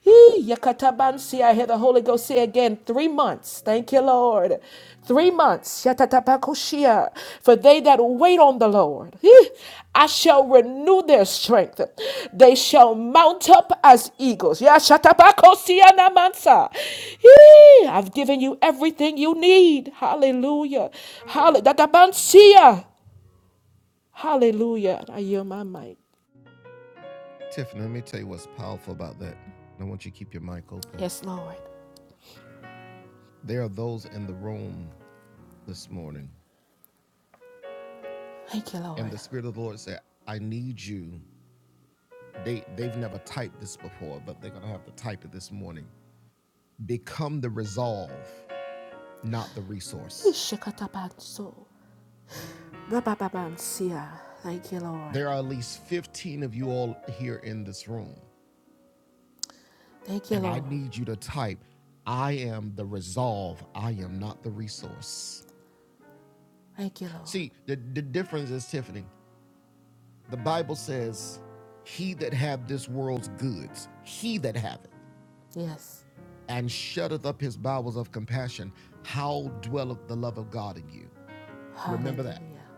S2: Ee, Yakatabansi. I hear the Holy Ghost say again, three months. Thank you, Lord. Three months. Shatatapakoshia. For they that wait on the Lord, eh, I shall renew their strength. They shall mount up as eagles. Yeah, Shatapakosia Namansa. Ee, I've given you everything you need. Hallelujah. Hallelujah. Hallelujah. I yield my mic. Yes, Lord. Thank you, Lord. Ishakatabanso. Rabababansia. Thank you, Lord. Thank you, Lord. Thank you, Lord. Yes. Hallelujah.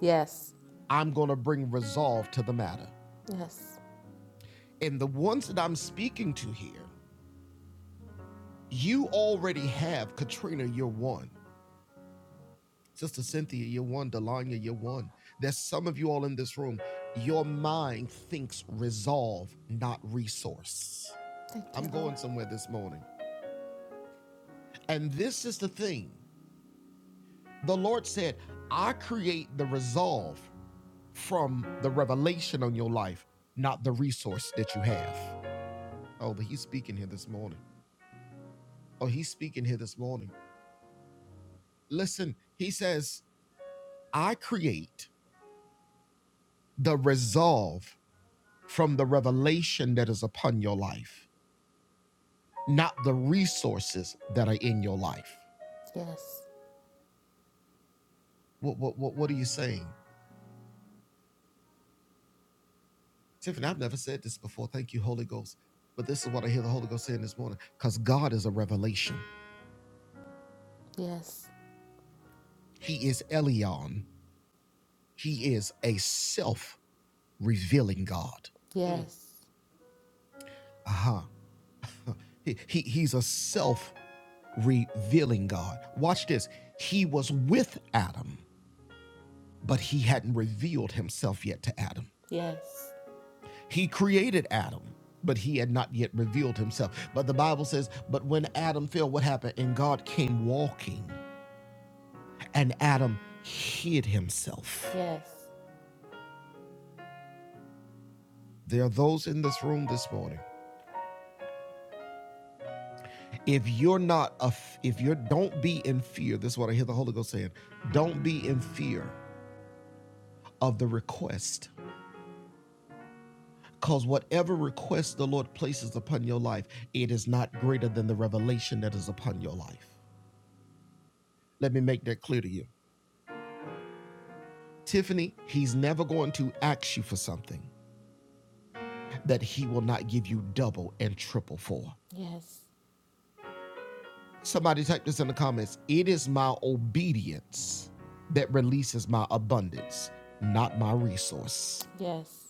S2: Yes. Yes. Thank you, Lord. Yes. Yes. Yes. Yes. Yes. Yes. Yes.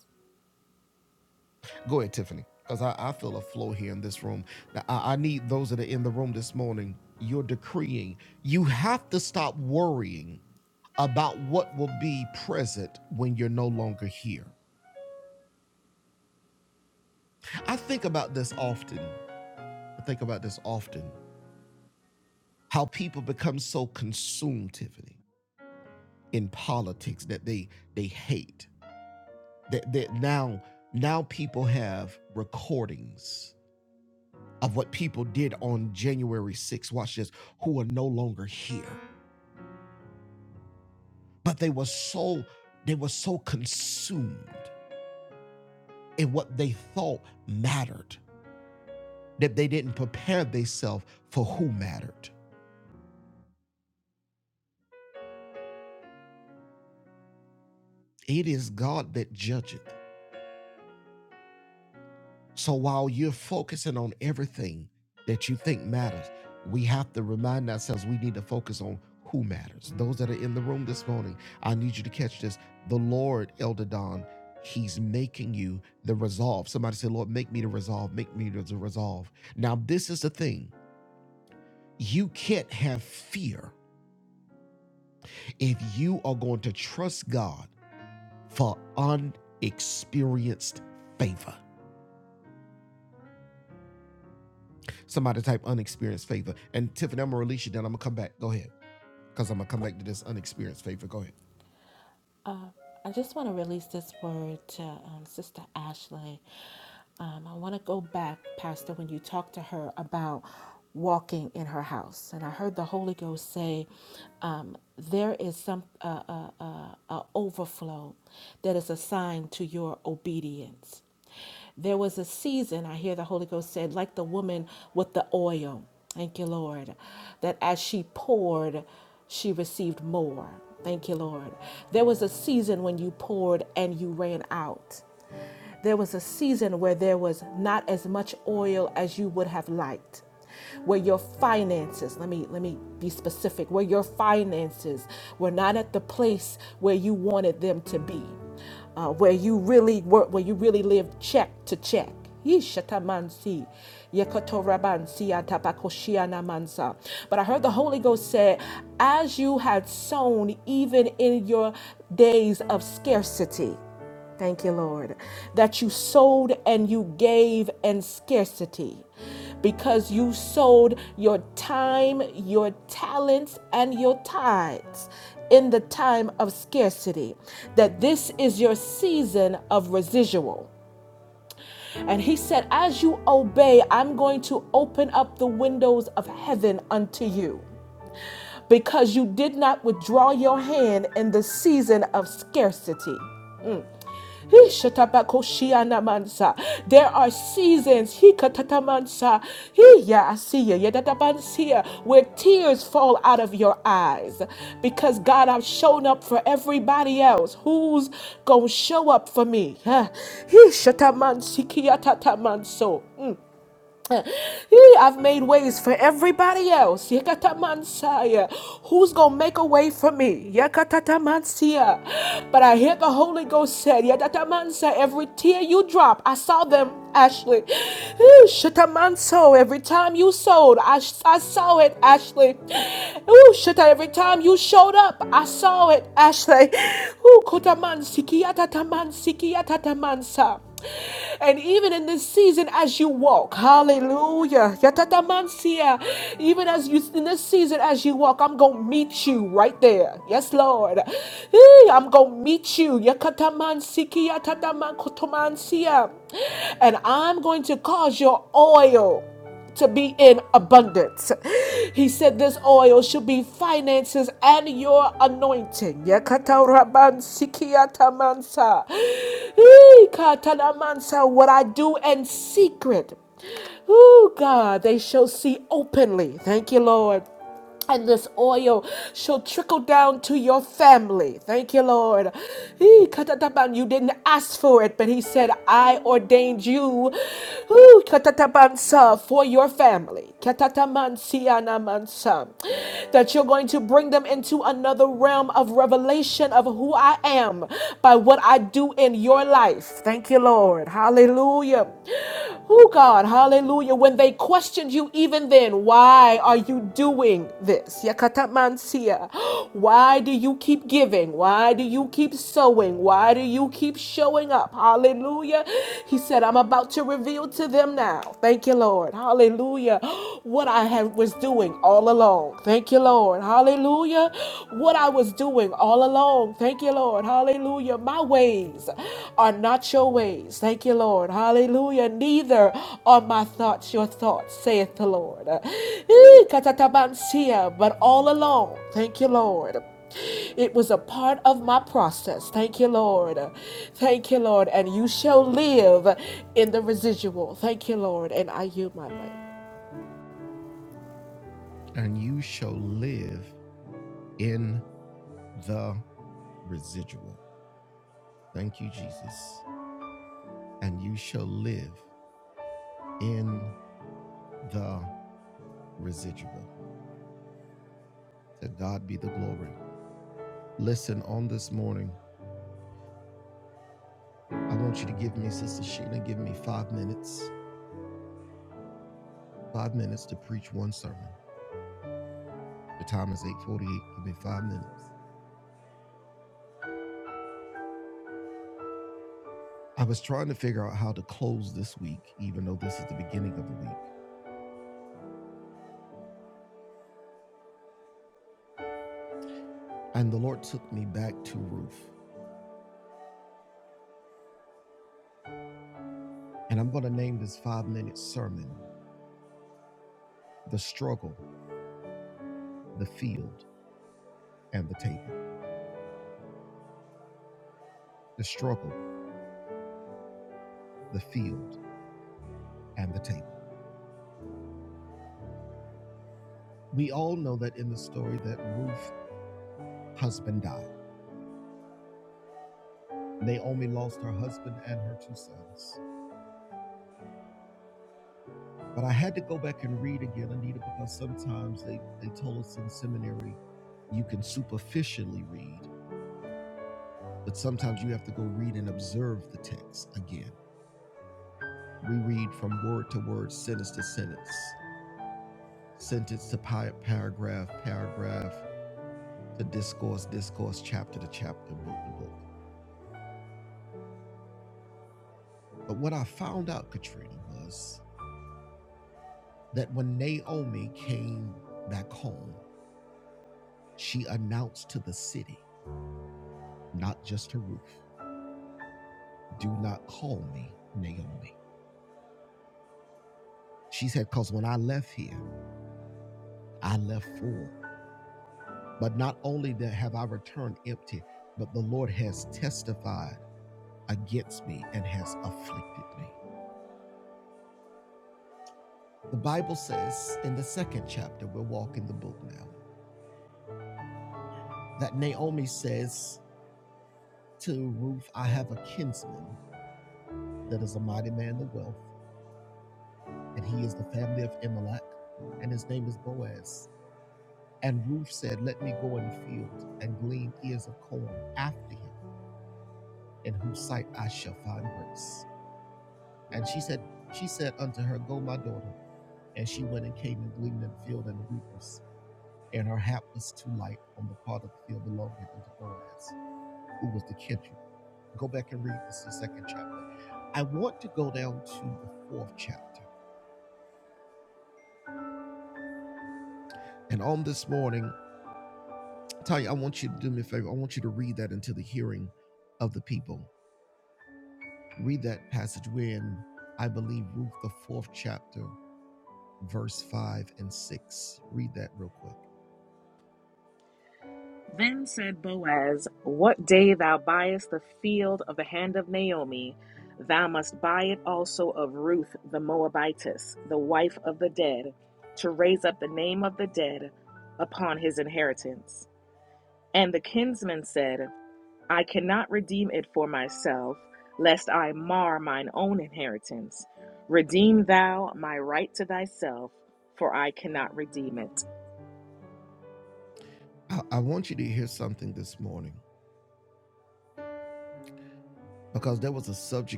S2: Um, I just want to release this word to um, Sister Ashley. Um, I want to go back, Pastor, when you talked to her about walking in her house, and I heard the Holy Ghost say, um, "There is some uh, uh, uh, uh, overflow that is assigned to your obedience." There was a season, I hear the Holy Ghost said, like the woman with the oil. Thank you, Lord, that as she poured she received more. Thank you, Lord. There was a season when you poured and you ran out. There was a season where there was not as much oil as you would have liked. Where your finances, let me let me be specific, where your finances were not at the place where you wanted them to be uh, where you really work, where you really live check to check. Yishatamansi, yekotorabansi, atapakoshianamansa. But I heard the Holy Ghost say, as you had sown even in your days of scarcity. Thank you, Lord, that you sold and you gave in scarcity because you sold your time, your talents, and your tithes in the time of scarcity, that this is your season of residual. And he said, As you obey, I'm going to open up the windows of heaven unto you because you did not withdraw your hand in the season of scarcity. He shatabakoshiyanamansa. There are seasons, he katatamansa, he ya asiya, yadatabansiya, where tears fall out of your eyes. Because God, I've shown up for everybody else. Who's gonna show up for me? Huh? He shatamansiki yatatamanso. Yee, I've made ways for everybody else. Yekata Yekatamansaya. Who's going to make a way for me? Yekatatamansia. But I hear the Holy Ghost said, Yekata Yekatamansa, every tear you drop, I saw them, Ashley. Ooh, manso. every time you sold, I, I saw it, Ashley. Ooh, Shata, every time you showed up, I saw it, Ashley. Ooh, kota mansi. kiyatata mansi. Kotamansikiatatamansiki, mansa. And even in this season, as you walk, hallelujah, yatatamansia, even as you in this season, as you walk, I'm gonna meet you right there. Yes, Lord. Eh, I'm gonna meet you. yakatamansiki, yatatamankotomansia. And I'm going to cause your oil to be in abundance. He said this oil should be finances and your anointing. Yakataraban sikiyatamansa. Ee, katanamansa. What I do in secret. Oh God, they shall see openly. Thank you, Lord and this oil shall trickle down to your family. Thank you, Lord. He- katatapan, You didn't ask for it, but He said, I ordained you whew, katatapansa, for your family. Katatamansianamansa. That you're going to bring them into another realm of revelation of who I am by what I do in your life. Thank you, Lord. Hallelujah. Hallelujah. Oh God, hallelujah. When they questioned you, even then, why are you doing this? Yakatamansia. Why do you keep giving? Why do you keep sowing? Why do you keep showing up? Hallelujah. He said, I'm about to reveal to them now. Thank you, Lord. Hallelujah. What I have was doing all along. Thank you, Lord. Hallelujah. What I was doing doing all along. Thank you, Lord. Hallelujah. My ways are not your ways. Thank you, Lord. Hallelujah. Neither are my thoughts your thoughts, saith the Lord. Eh, katatabansia, But all along, thank you, Lord. It was a part of my process. Thank you, Lord. Thank you, Lord. And you shall live in the residual. Thank you, Lord. And I yield my mic.
S5: that also of Ruth the Moabitess, the wife of the dead, to raise up the name of the dead upon his inheritance. And the kinsman said, I cannot redeem it for myself, lest I mar mine own inheritance. Redeem thou my right to thyself, for I cannot redeem it.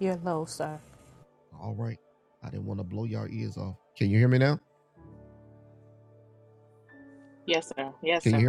S2: You're low, sir.
S5: Yes, sir. Yes, sir.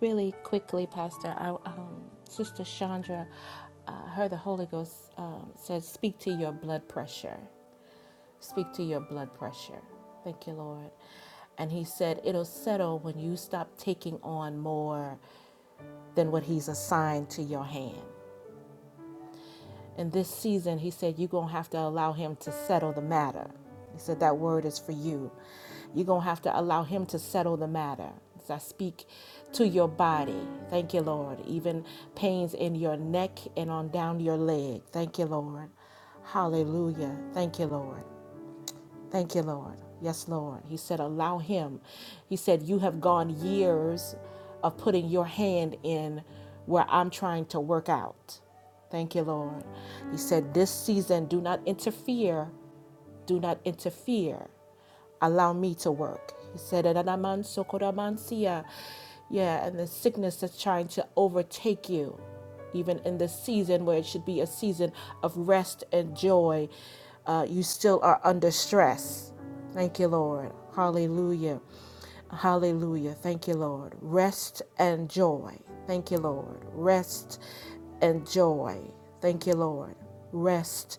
S2: Really quickly, Pastor, I, um, Sister Chandra, uh, her the Holy Ghost um, says, "Speak to your blood pressure. Speak to your blood pressure." Thank you, Lord. And He said, "It'll settle when you stop taking on more than what He's assigned to your hand." in this season, he said, you're going to have to allow him to settle the matter. He said, that word is for you. You're going to have to allow him to settle the matter. As I speak to your body, thank you, Lord. Even pains in your neck and on down your leg. Thank you, Lord. Hallelujah. Thank you, Lord. Thank you, Lord. Yes, Lord. He said, Allow him. He said, You have gone years of putting your hand in where I'm trying to work out. Thank you, Lord. He said, This season, do not interfere do not interfere. Allow me to work. He said, "Ananaman sokoramansia." Yeah, and the sickness that's trying to overtake you, even in this season where it should be a season of rest and joy, uh, you still are under stress. Thank you, Lord. Hallelujah. Hallelujah. Thank you, Lord. Rest and joy. Thank you, Lord. Rest and joy. Thank you, Lord. Rest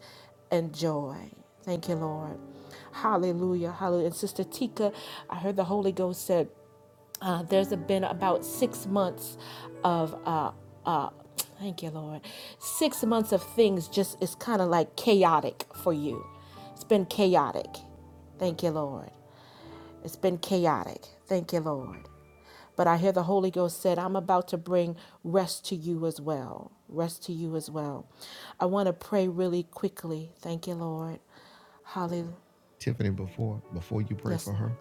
S2: and joy. Thank you, Lord. Hallelujah. Hallelujah. And Sister Tika, I heard the Holy Ghost said, uh, there's a- been about six months of uh, uh, thank you lord six months of things just it's kind of like chaotic for you it's been chaotic thank you lord it's been chaotic thank you lord but i hear the holy ghost said i'm about to bring rest to you as well rest to you as well i want to pray really quickly thank you lord hallelujah yes lord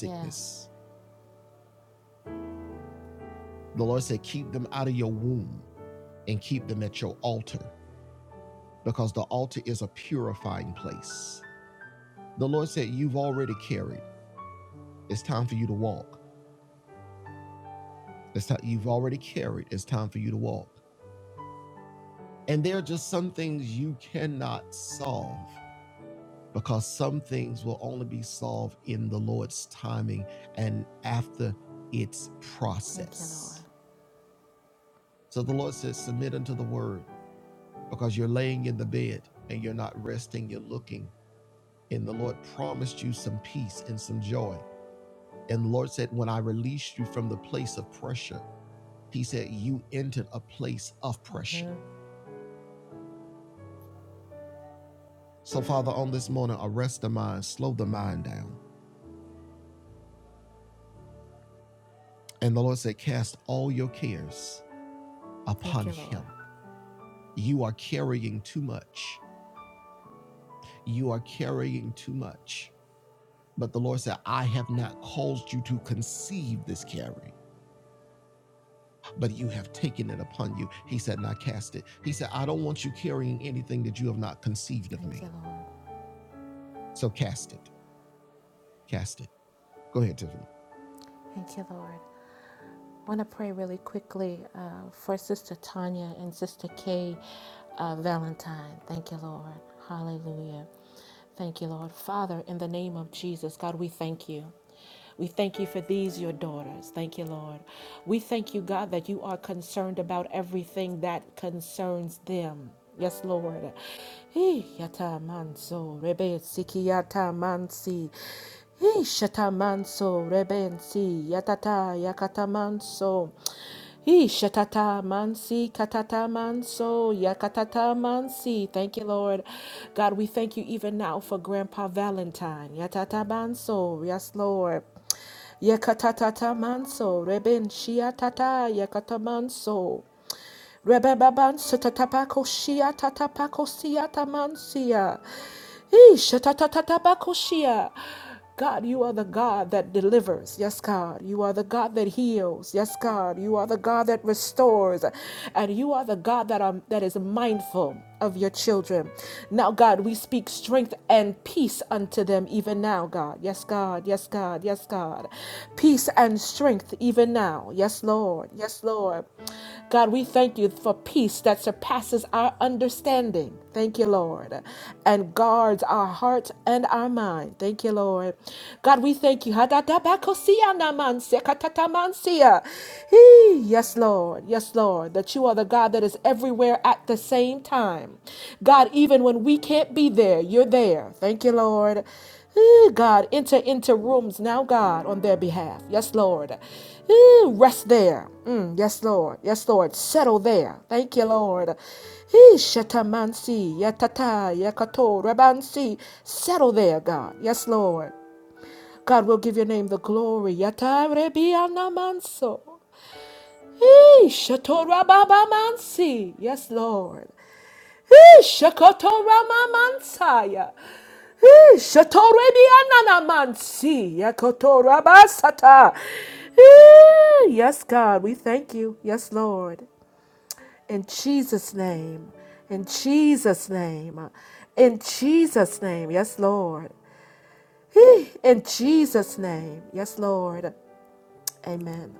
S2: yeah thank you lord thank you lord thank you lord Thank you, Lord. I want to pray really quickly uh, for Sister Tanya and Sister Kay uh, Valentine. Thank you, Lord. Hallelujah. Thank you, Lord. Father, in the name of Jesus, God, we thank you. We thank you for these, your daughters. Thank you, Lord. We thank you, God, that you are concerned about everything that concerns them. Yes, Lord. Hey, yata manso, rebe sikiyata mansi. He shatamanso rebensi yatata yakatamanso. He shatata mansi katata manso yakatata mansi. Thank you, Lord. God, we thank you even now for Grandpa Valentine. Yatata manso. Yes, Lord. Yekatatata manso, reben shia tata, yekata manso. Rebebaban satatapako shia tatapako siya tamansia. Eesh, tatatatatapako shia. God, you are the God that delivers. Yes, God. You are the God that heals. Yes, God. You are the God that restores. And you are the God that, are, that is mindful of your children. Now, God, we speak strength and peace unto them even now, God. Yes, God. Yes, God. Yes, God. Peace and strength even now. Yes, Lord. Yes, Lord. God, we thank you for peace that surpasses our understanding. Thank you, Lord. And guards our heart and our mind. Thank you, Lord. God, we thank you. Hadadabakosianamansia, katatamansia. Yes, Lord. Yes, Lord. That you are the God that is everywhere at the same time. God, even when we can't be there, you're there. Thank you, Lord. Ooh, God, enter into rooms now, God, on their behalf. Yes, Lord. Ooh, rest there. Mm, yes, Lord. Yes, Lord. Settle there. Thank you, Lord. Ee, Shatamansi, Yatata, Yakato, Rabansi. Settle there, God. Yes, Lord. God will give your name the glory. Yatarebianamanso. Hey, Shatorababa Mansi. Yes, Lord. Hey, Shakotorama Mansaya. Hey, Shatorebianana Mansi. Yakotorabasata. Hey, Yes, God, we thank you. Yes, Lord. In Jesus' name. In Jesus' name. In Jesus' name. Yes, Lord. Hey, In Jesus' name. Yes, Lord. Amen.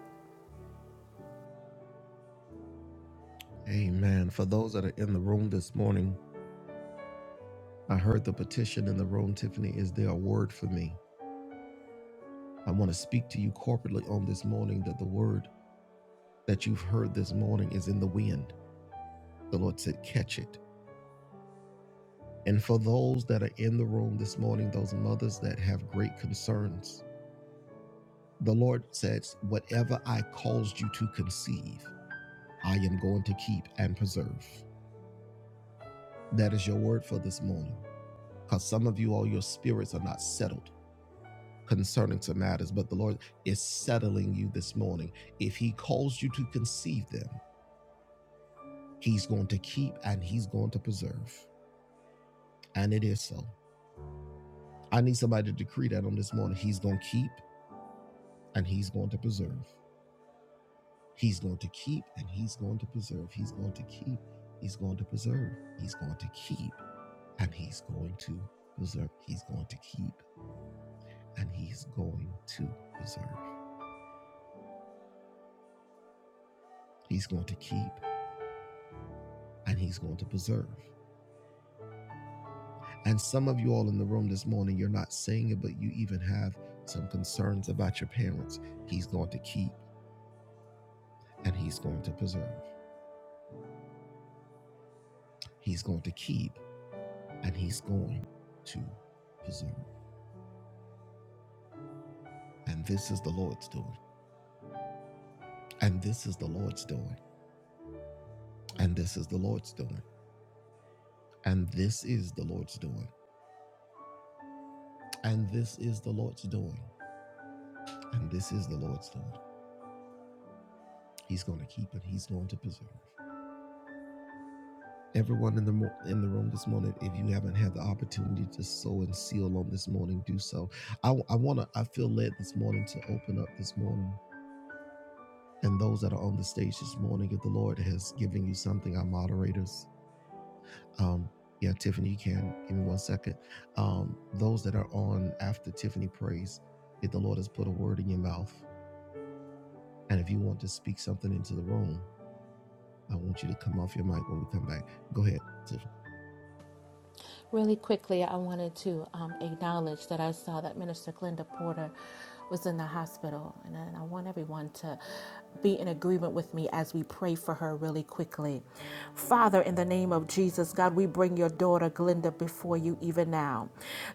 S2: Really quickly, I wanted to um, acknowledge that I saw that Minister Glenda Porter was in the hospital, and I, and I want everyone to be in agreement with me as we pray for her really quickly. Father, in the name of Jesus, God, we bring your daughter Glenda before you even now.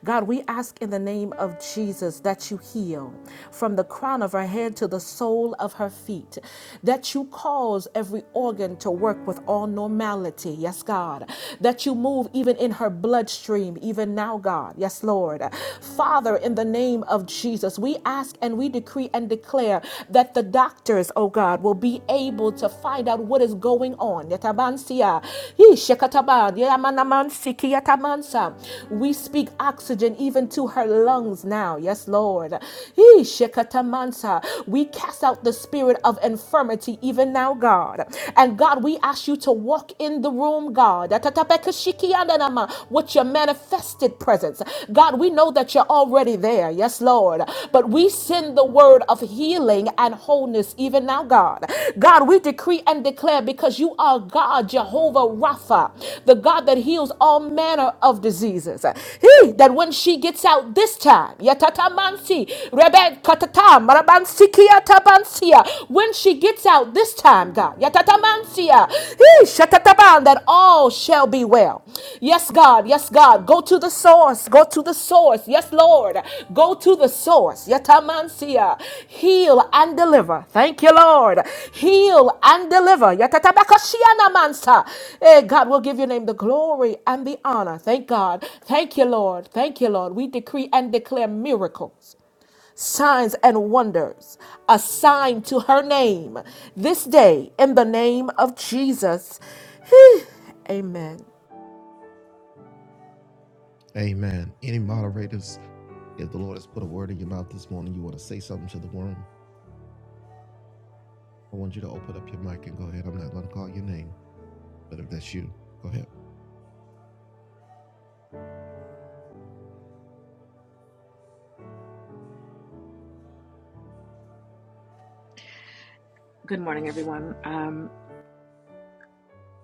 S2: God, we ask in the name of Jesus that you heal from the crown of her head to the sole of her feet, that you cause every organ to work with all normality authority, yes, God, that you move even in her bloodstream, even now, God, yes, Lord. Father, in the name of Jesus, we ask and we decree and declare that the doctors, oh God, will be able to find out what is going on. Yatabansia. Yee, shekataban. Yamanamansi, kiyatamansa. We speak oxygen even to her lungs now, yes, Lord. Yee, shekatamansa. We cast out the spirit of infirmity even now, God. God. And God, we ask you to walk in the room, God, Atatapekashikiyandanama, with your manifested presence. God, we know that you're already there. Yes, Lord. But we send the word of healing and wholeness even now, God. God, we decree and declare because you are God, Jehovah Rapha, the God that heals all manner of diseases. He, that when she gets out this time, yatatamansi, rebe katata, Yatatabansia. When she gets out this time, God, Yatatamansia. Hee, Shatataban, that all shall be well. Yes, God, yes, God. Go to the source. Go to the source. Yes, Lord. Go to the source. Yatamansia. Heal and deliver. Thank you, Lord. Heal and deliver. Yatatabakashiana mansa. Hey, God, we'll give your name the glory and the honor. Thank God. Thank you, Lord. Thank you, Lord. We decree and declare miracles signs and wonders assigned to her name this day in the name of Jesus. Amen.
S5: Good morning, everyone. Um,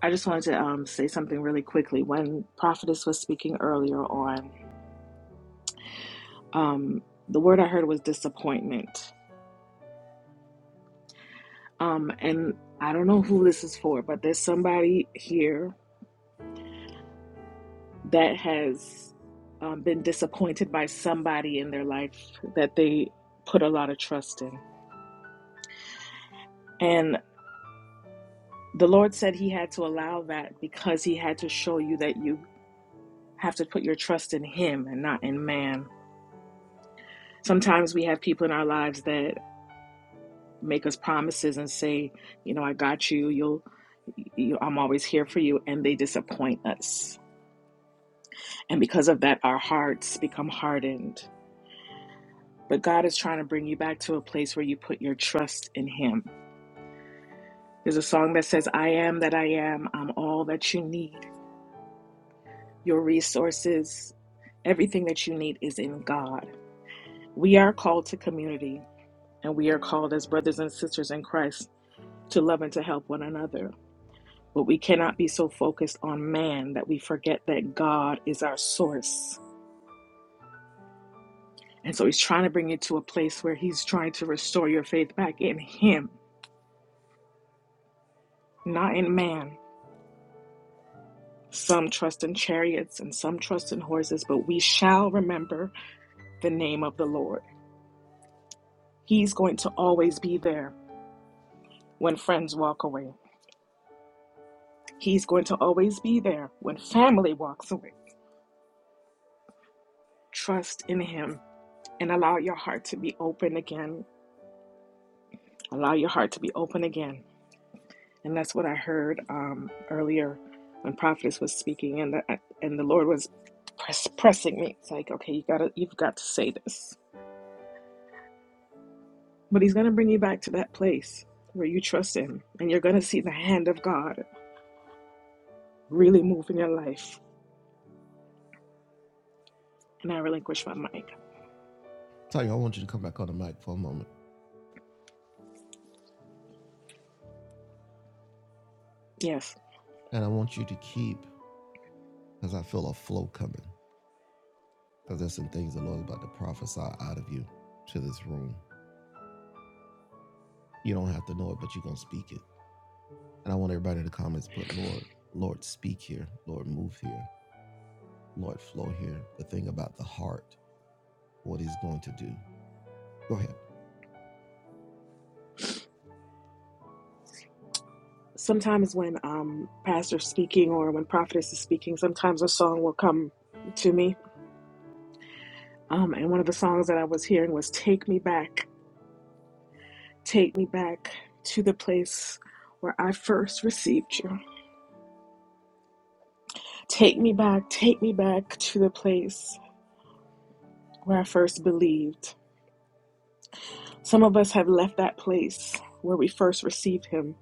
S5: I just wanted to um, say something really quickly. When Prophetess was speaking earlier on, um, the word I heard was disappointment. Um, and I don't know who this is for, but there's somebody here that has um, been disappointed by somebody in their life that they put a lot of trust in. And the Lord said He had to allow that because He had to show you that you have to put your trust in Him and not in man. Sometimes we have people in our lives that make us promises and say, you know, I got you, you'll. You, I'm always here for you, and they disappoint us. And because of that, our hearts become hardened. But God is trying to bring you back to a place where you put your trust in Him There's a song that says, I am that I am. I'm all that you need. Your resources, everything that you need is in God. We are called to community, and we are called as brothers and sisters in Christ to love and to help one another. But we cannot be so focused on man that we forget that God is our source. And so he's trying to bring you to a place where he's trying to restore your faith back in him, not in man. Some trust in chariots and some trust in horses, but we shall remember the name of the Lord. He's going to always be there when friends walk away. He's going to always be there when family walks away. Trust in Him and allow your heart to be open again. Allow your heart to be open again. And that's what I heard um, earlier when prophetess was speaking, and the and the Lord was press, pressing me. It's like, okay, you gotta, you've got to say this. But He's gonna bring you back to that place where you trust Him, and you're gonna see the hand of God really move in your life and I relinquish my mic. Yes. Sometimes when um pastor's speaking or when prophetess is speaking, sometimes a song will come to me. Um, and one of the songs that I was hearing was "Take Me Back, Take Me Back to the Place." Where I first received you. Take me back, take me back to the place where I first believed. Some of us have left that place where we first received Him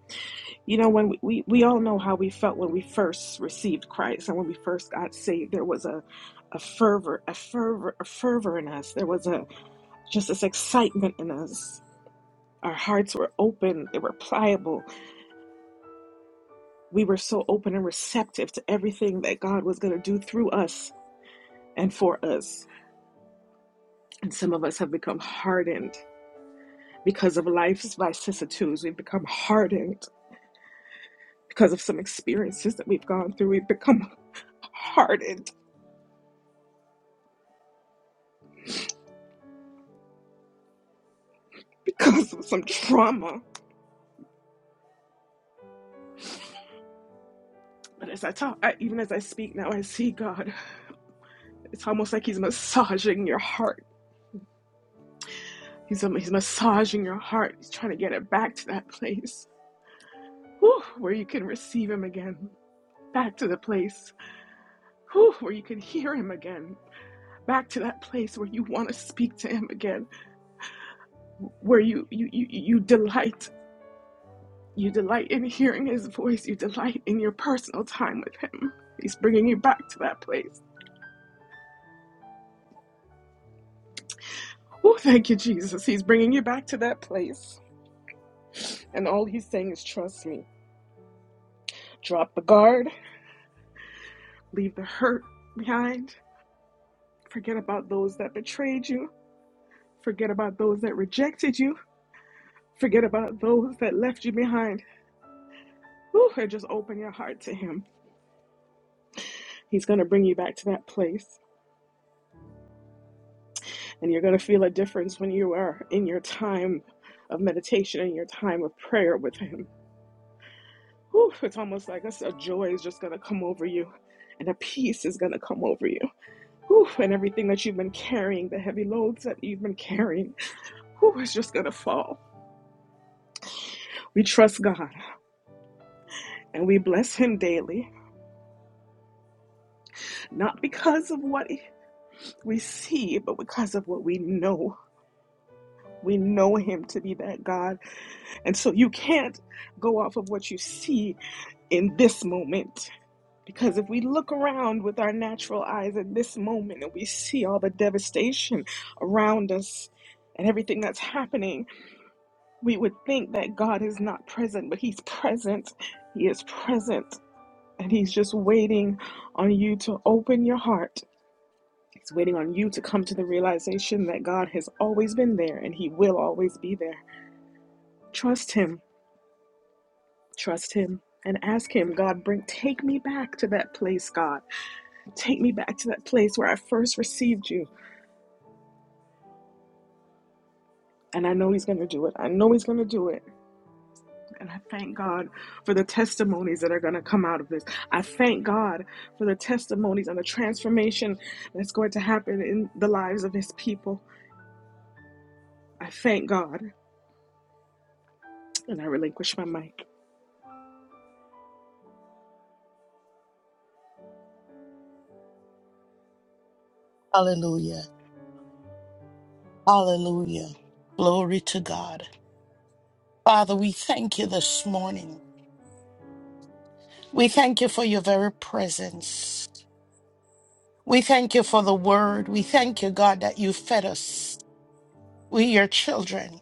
S5: You know, when we, we, we all know how we felt when we first received Christ and when we first got saved, there was a, a fervor, a fervor, a fervor in us. There was a just this excitement in us. Our hearts were open, they were pliable. We were so open and receptive to everything that God was going to do through us and for us. And some of us have become hardened because of life's vicissitudes. We've become hardened because of some experiences that we've gone through. We've become hardened because of some trauma But as I talk, I, even as I speak now, I see God. It's almost like He's massaging your heart. He's um, He's massaging your heart. He's trying to get it back to that place whew, where you can receive Him again. Back to the place whew, where you can hear Him again. Back to that place where you want to speak to Him again. Where you you you, you delight. You delight in hearing His voice. You delight in your personal time with Him. He's bringing you back to that place. Oh, thank you, Jesus. He's bringing you back to that place. And all he's saying is trust me. Drop the guard, leave the hurt behind, forget about those that betrayed you, forget about those that rejected you, forget about those that left you behind. Whew, and just open your heart to him. He's going to bring you back to that place. And you're going to feel a difference when you are in your time of meditation and your time of prayer with him. Whew, it's almost like a, a joy is just going to come over you and a peace is going to come over you. Whew, and everything that you've been carrying, the heavy loads that you've been carrying, whew, is just going to fall. We trust God and we bless Him daily, not because of what we see, but because of what we know. We know Him to be that God. And so you can't go off of what you see in this moment. Because if we look around with our natural eyes in this moment and we see all the devastation around us and everything that's happening, We would think that God is not present, but He's present. He is present. And He's just waiting on you to open your heart. He's waiting on you to come to the realization that God has always been there and He will always be there. Trust Him. Trust Him. And ask him, God, bring take me back to that place, God. Take me back to that place where I first received you. And I know he's gonna do it. I know he's gonna do it. And I thank God for the testimonies that are going to come out of this. I thank God for the testimonies and the transformation that's going to happen in the lives of His people. I thank God. And I relinquish my mic.
S3: Hallelujah. Hallelujah. Glory to God. Father, we thank you this morning. We thank you for your very presence. We thank you for the word. We thank you, God, that you fed us. We, your children.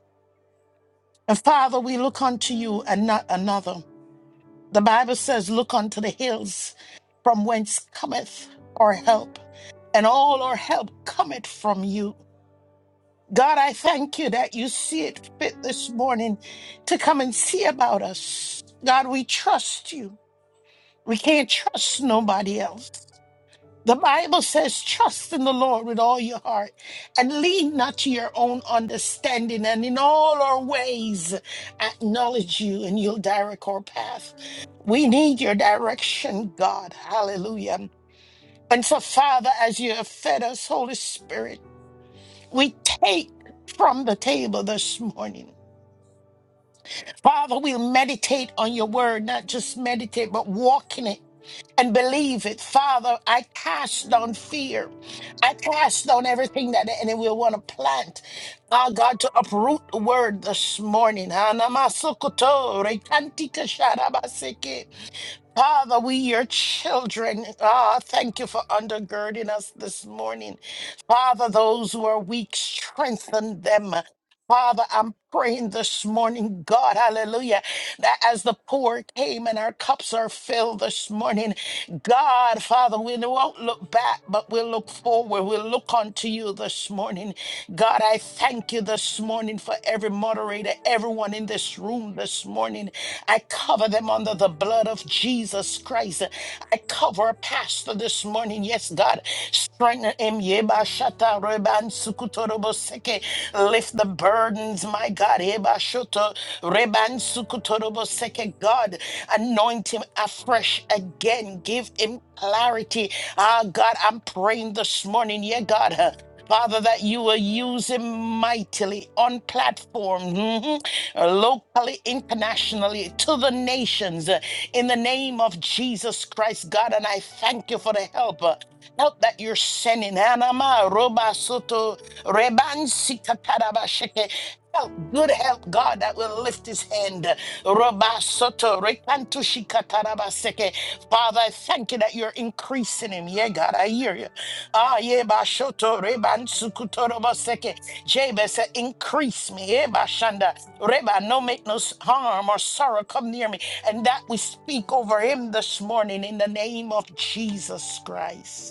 S3: And Father, we look unto you and not another. The Bible says, Look unto the hills from whence cometh our help. and all our help cometh from you. God, I thank you that you see it fit this morning to come and see about us. God, we trust you. We can't trust nobody else. The Bible says, trust in the Lord with all your heart and lean not to your own understanding. And in all our ways, acknowledge you and you'll direct our path. We need your direction, God. Hallelujah. And so, Father, as you have fed us, Holy Spirit, we take from the table this morning. Father, we'll meditate on your word, not just meditate, but walk in it and believe it. Father, I cast down fear. I cast down everything that the enemy will want to plant. Ah, God, to uproot the word this morning. Anamasokoto, rekantita sharabaseke. Father, we, your children, ah, thank you for undergirding us this morning. Father, those who are weak, strengthen them. Father, I'm praying this morning, God, hallelujah, that as the poor came and our cups are filled this morning, God, Father, we won't look back, but we'll look forward. We'll look unto you this morning. God, I thank you this morning for every moderator, everyone in this room this morning. I cover them under the blood of Jesus Christ. I cover a pastor this morning. Yes, God. Strengthen him. Yeba shata reban sukutorobo seke. Lift the burdens, my God. Yeba shoto reban sukutorobo seke. God, anoint him afresh again. Give him clarity. Ah, God, I'm praying this morning. Yeah, God. Father, that you will use him mightily on platform, mhm, uh, locally, internationally, to the nations, uh, in the name of Jesus Christ, God. And I thank you for the help. uh, Help that you're sending. Anama, roba, soto, rebansi, kataraba, sheke. Help, good help, God, that will lift his hand. Roba, soto, rekantu, shikataraba, seke. Father, I thank you that you're increasing him. Yeah, God, I hear you. Ah, yeah, Bashoto, Reban Sukutoro Jabez said, increase me, eh, Bashanda. Reba, no make no s- harm or sorrow come near me. And that we speak over him this morning in the name of Jesus Christ.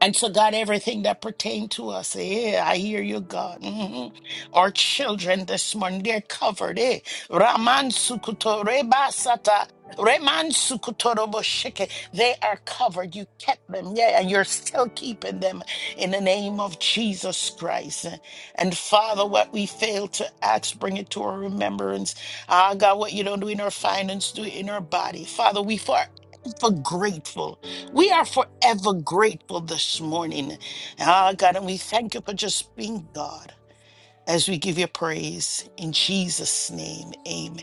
S3: And so, God, everything that pertained to us, eh, I hear you, God. Mhm. Our children this morning, they're covered, eh? Raman sukuto reba sata. Reman sukutorobo shike. They are covered. You kept them, yeah, and you're still keeping them in the name of Jesus Christ. And Father, what we fail to ask, bring it to our remembrance. Ah, God, what you don't do in our finance, do it in our body. Father, we forever grateful we are forever grateful this morning. Ah, God, and we thank you for just being God as we give you praise. In Jesus' name, amen.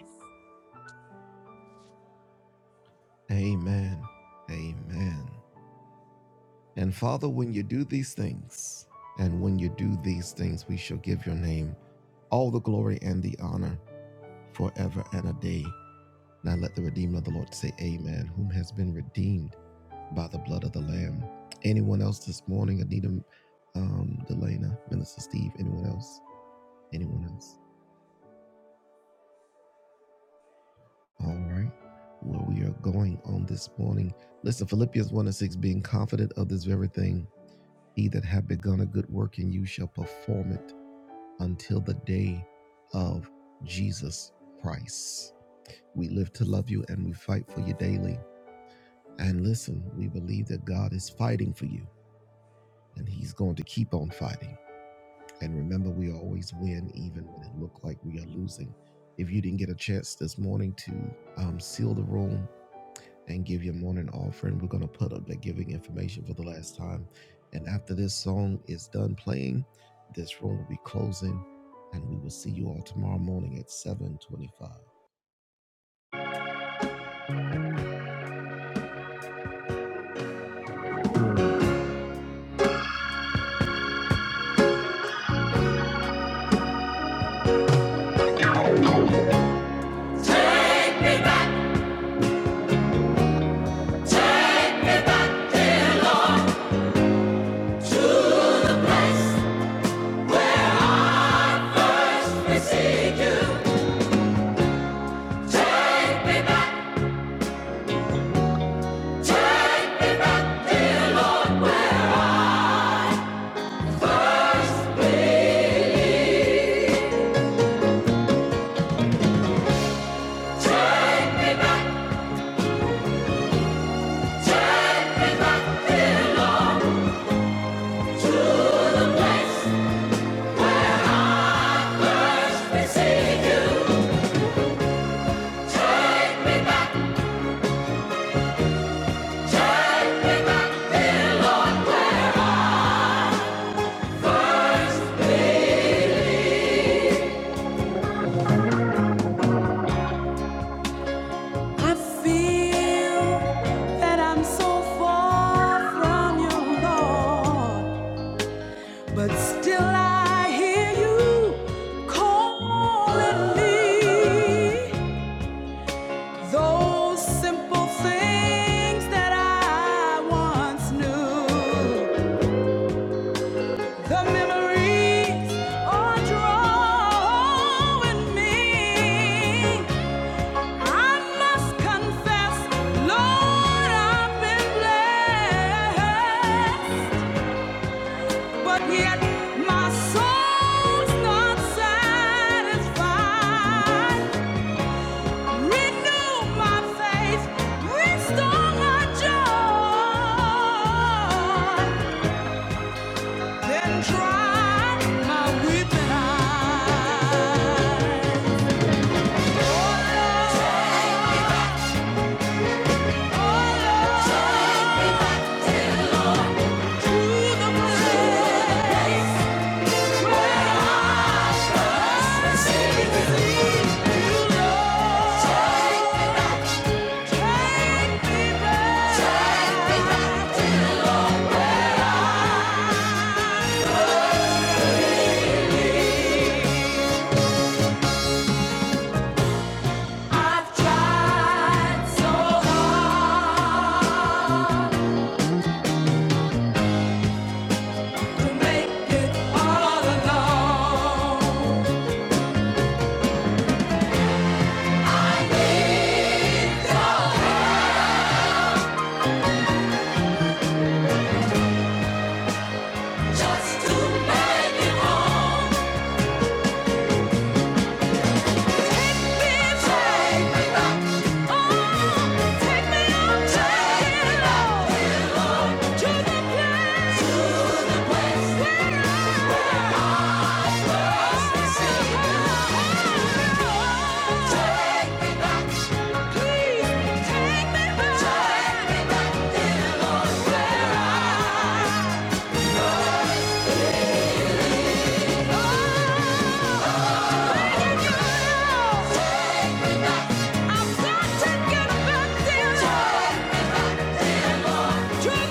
S1: Take me back. Take you, take me back. Whole me, those simple things that I once knew. The memories are drawing me. I must confess, Lord, I've been blessed, but yet my soul's not satisfied. Renew my faith, restore my joy, then dry my weeping eyes. Oh Lord, oh Lord, to the place Just to make it home. Oh Take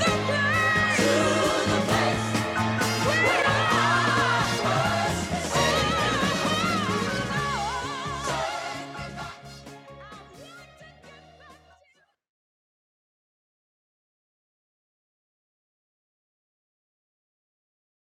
S1: me back.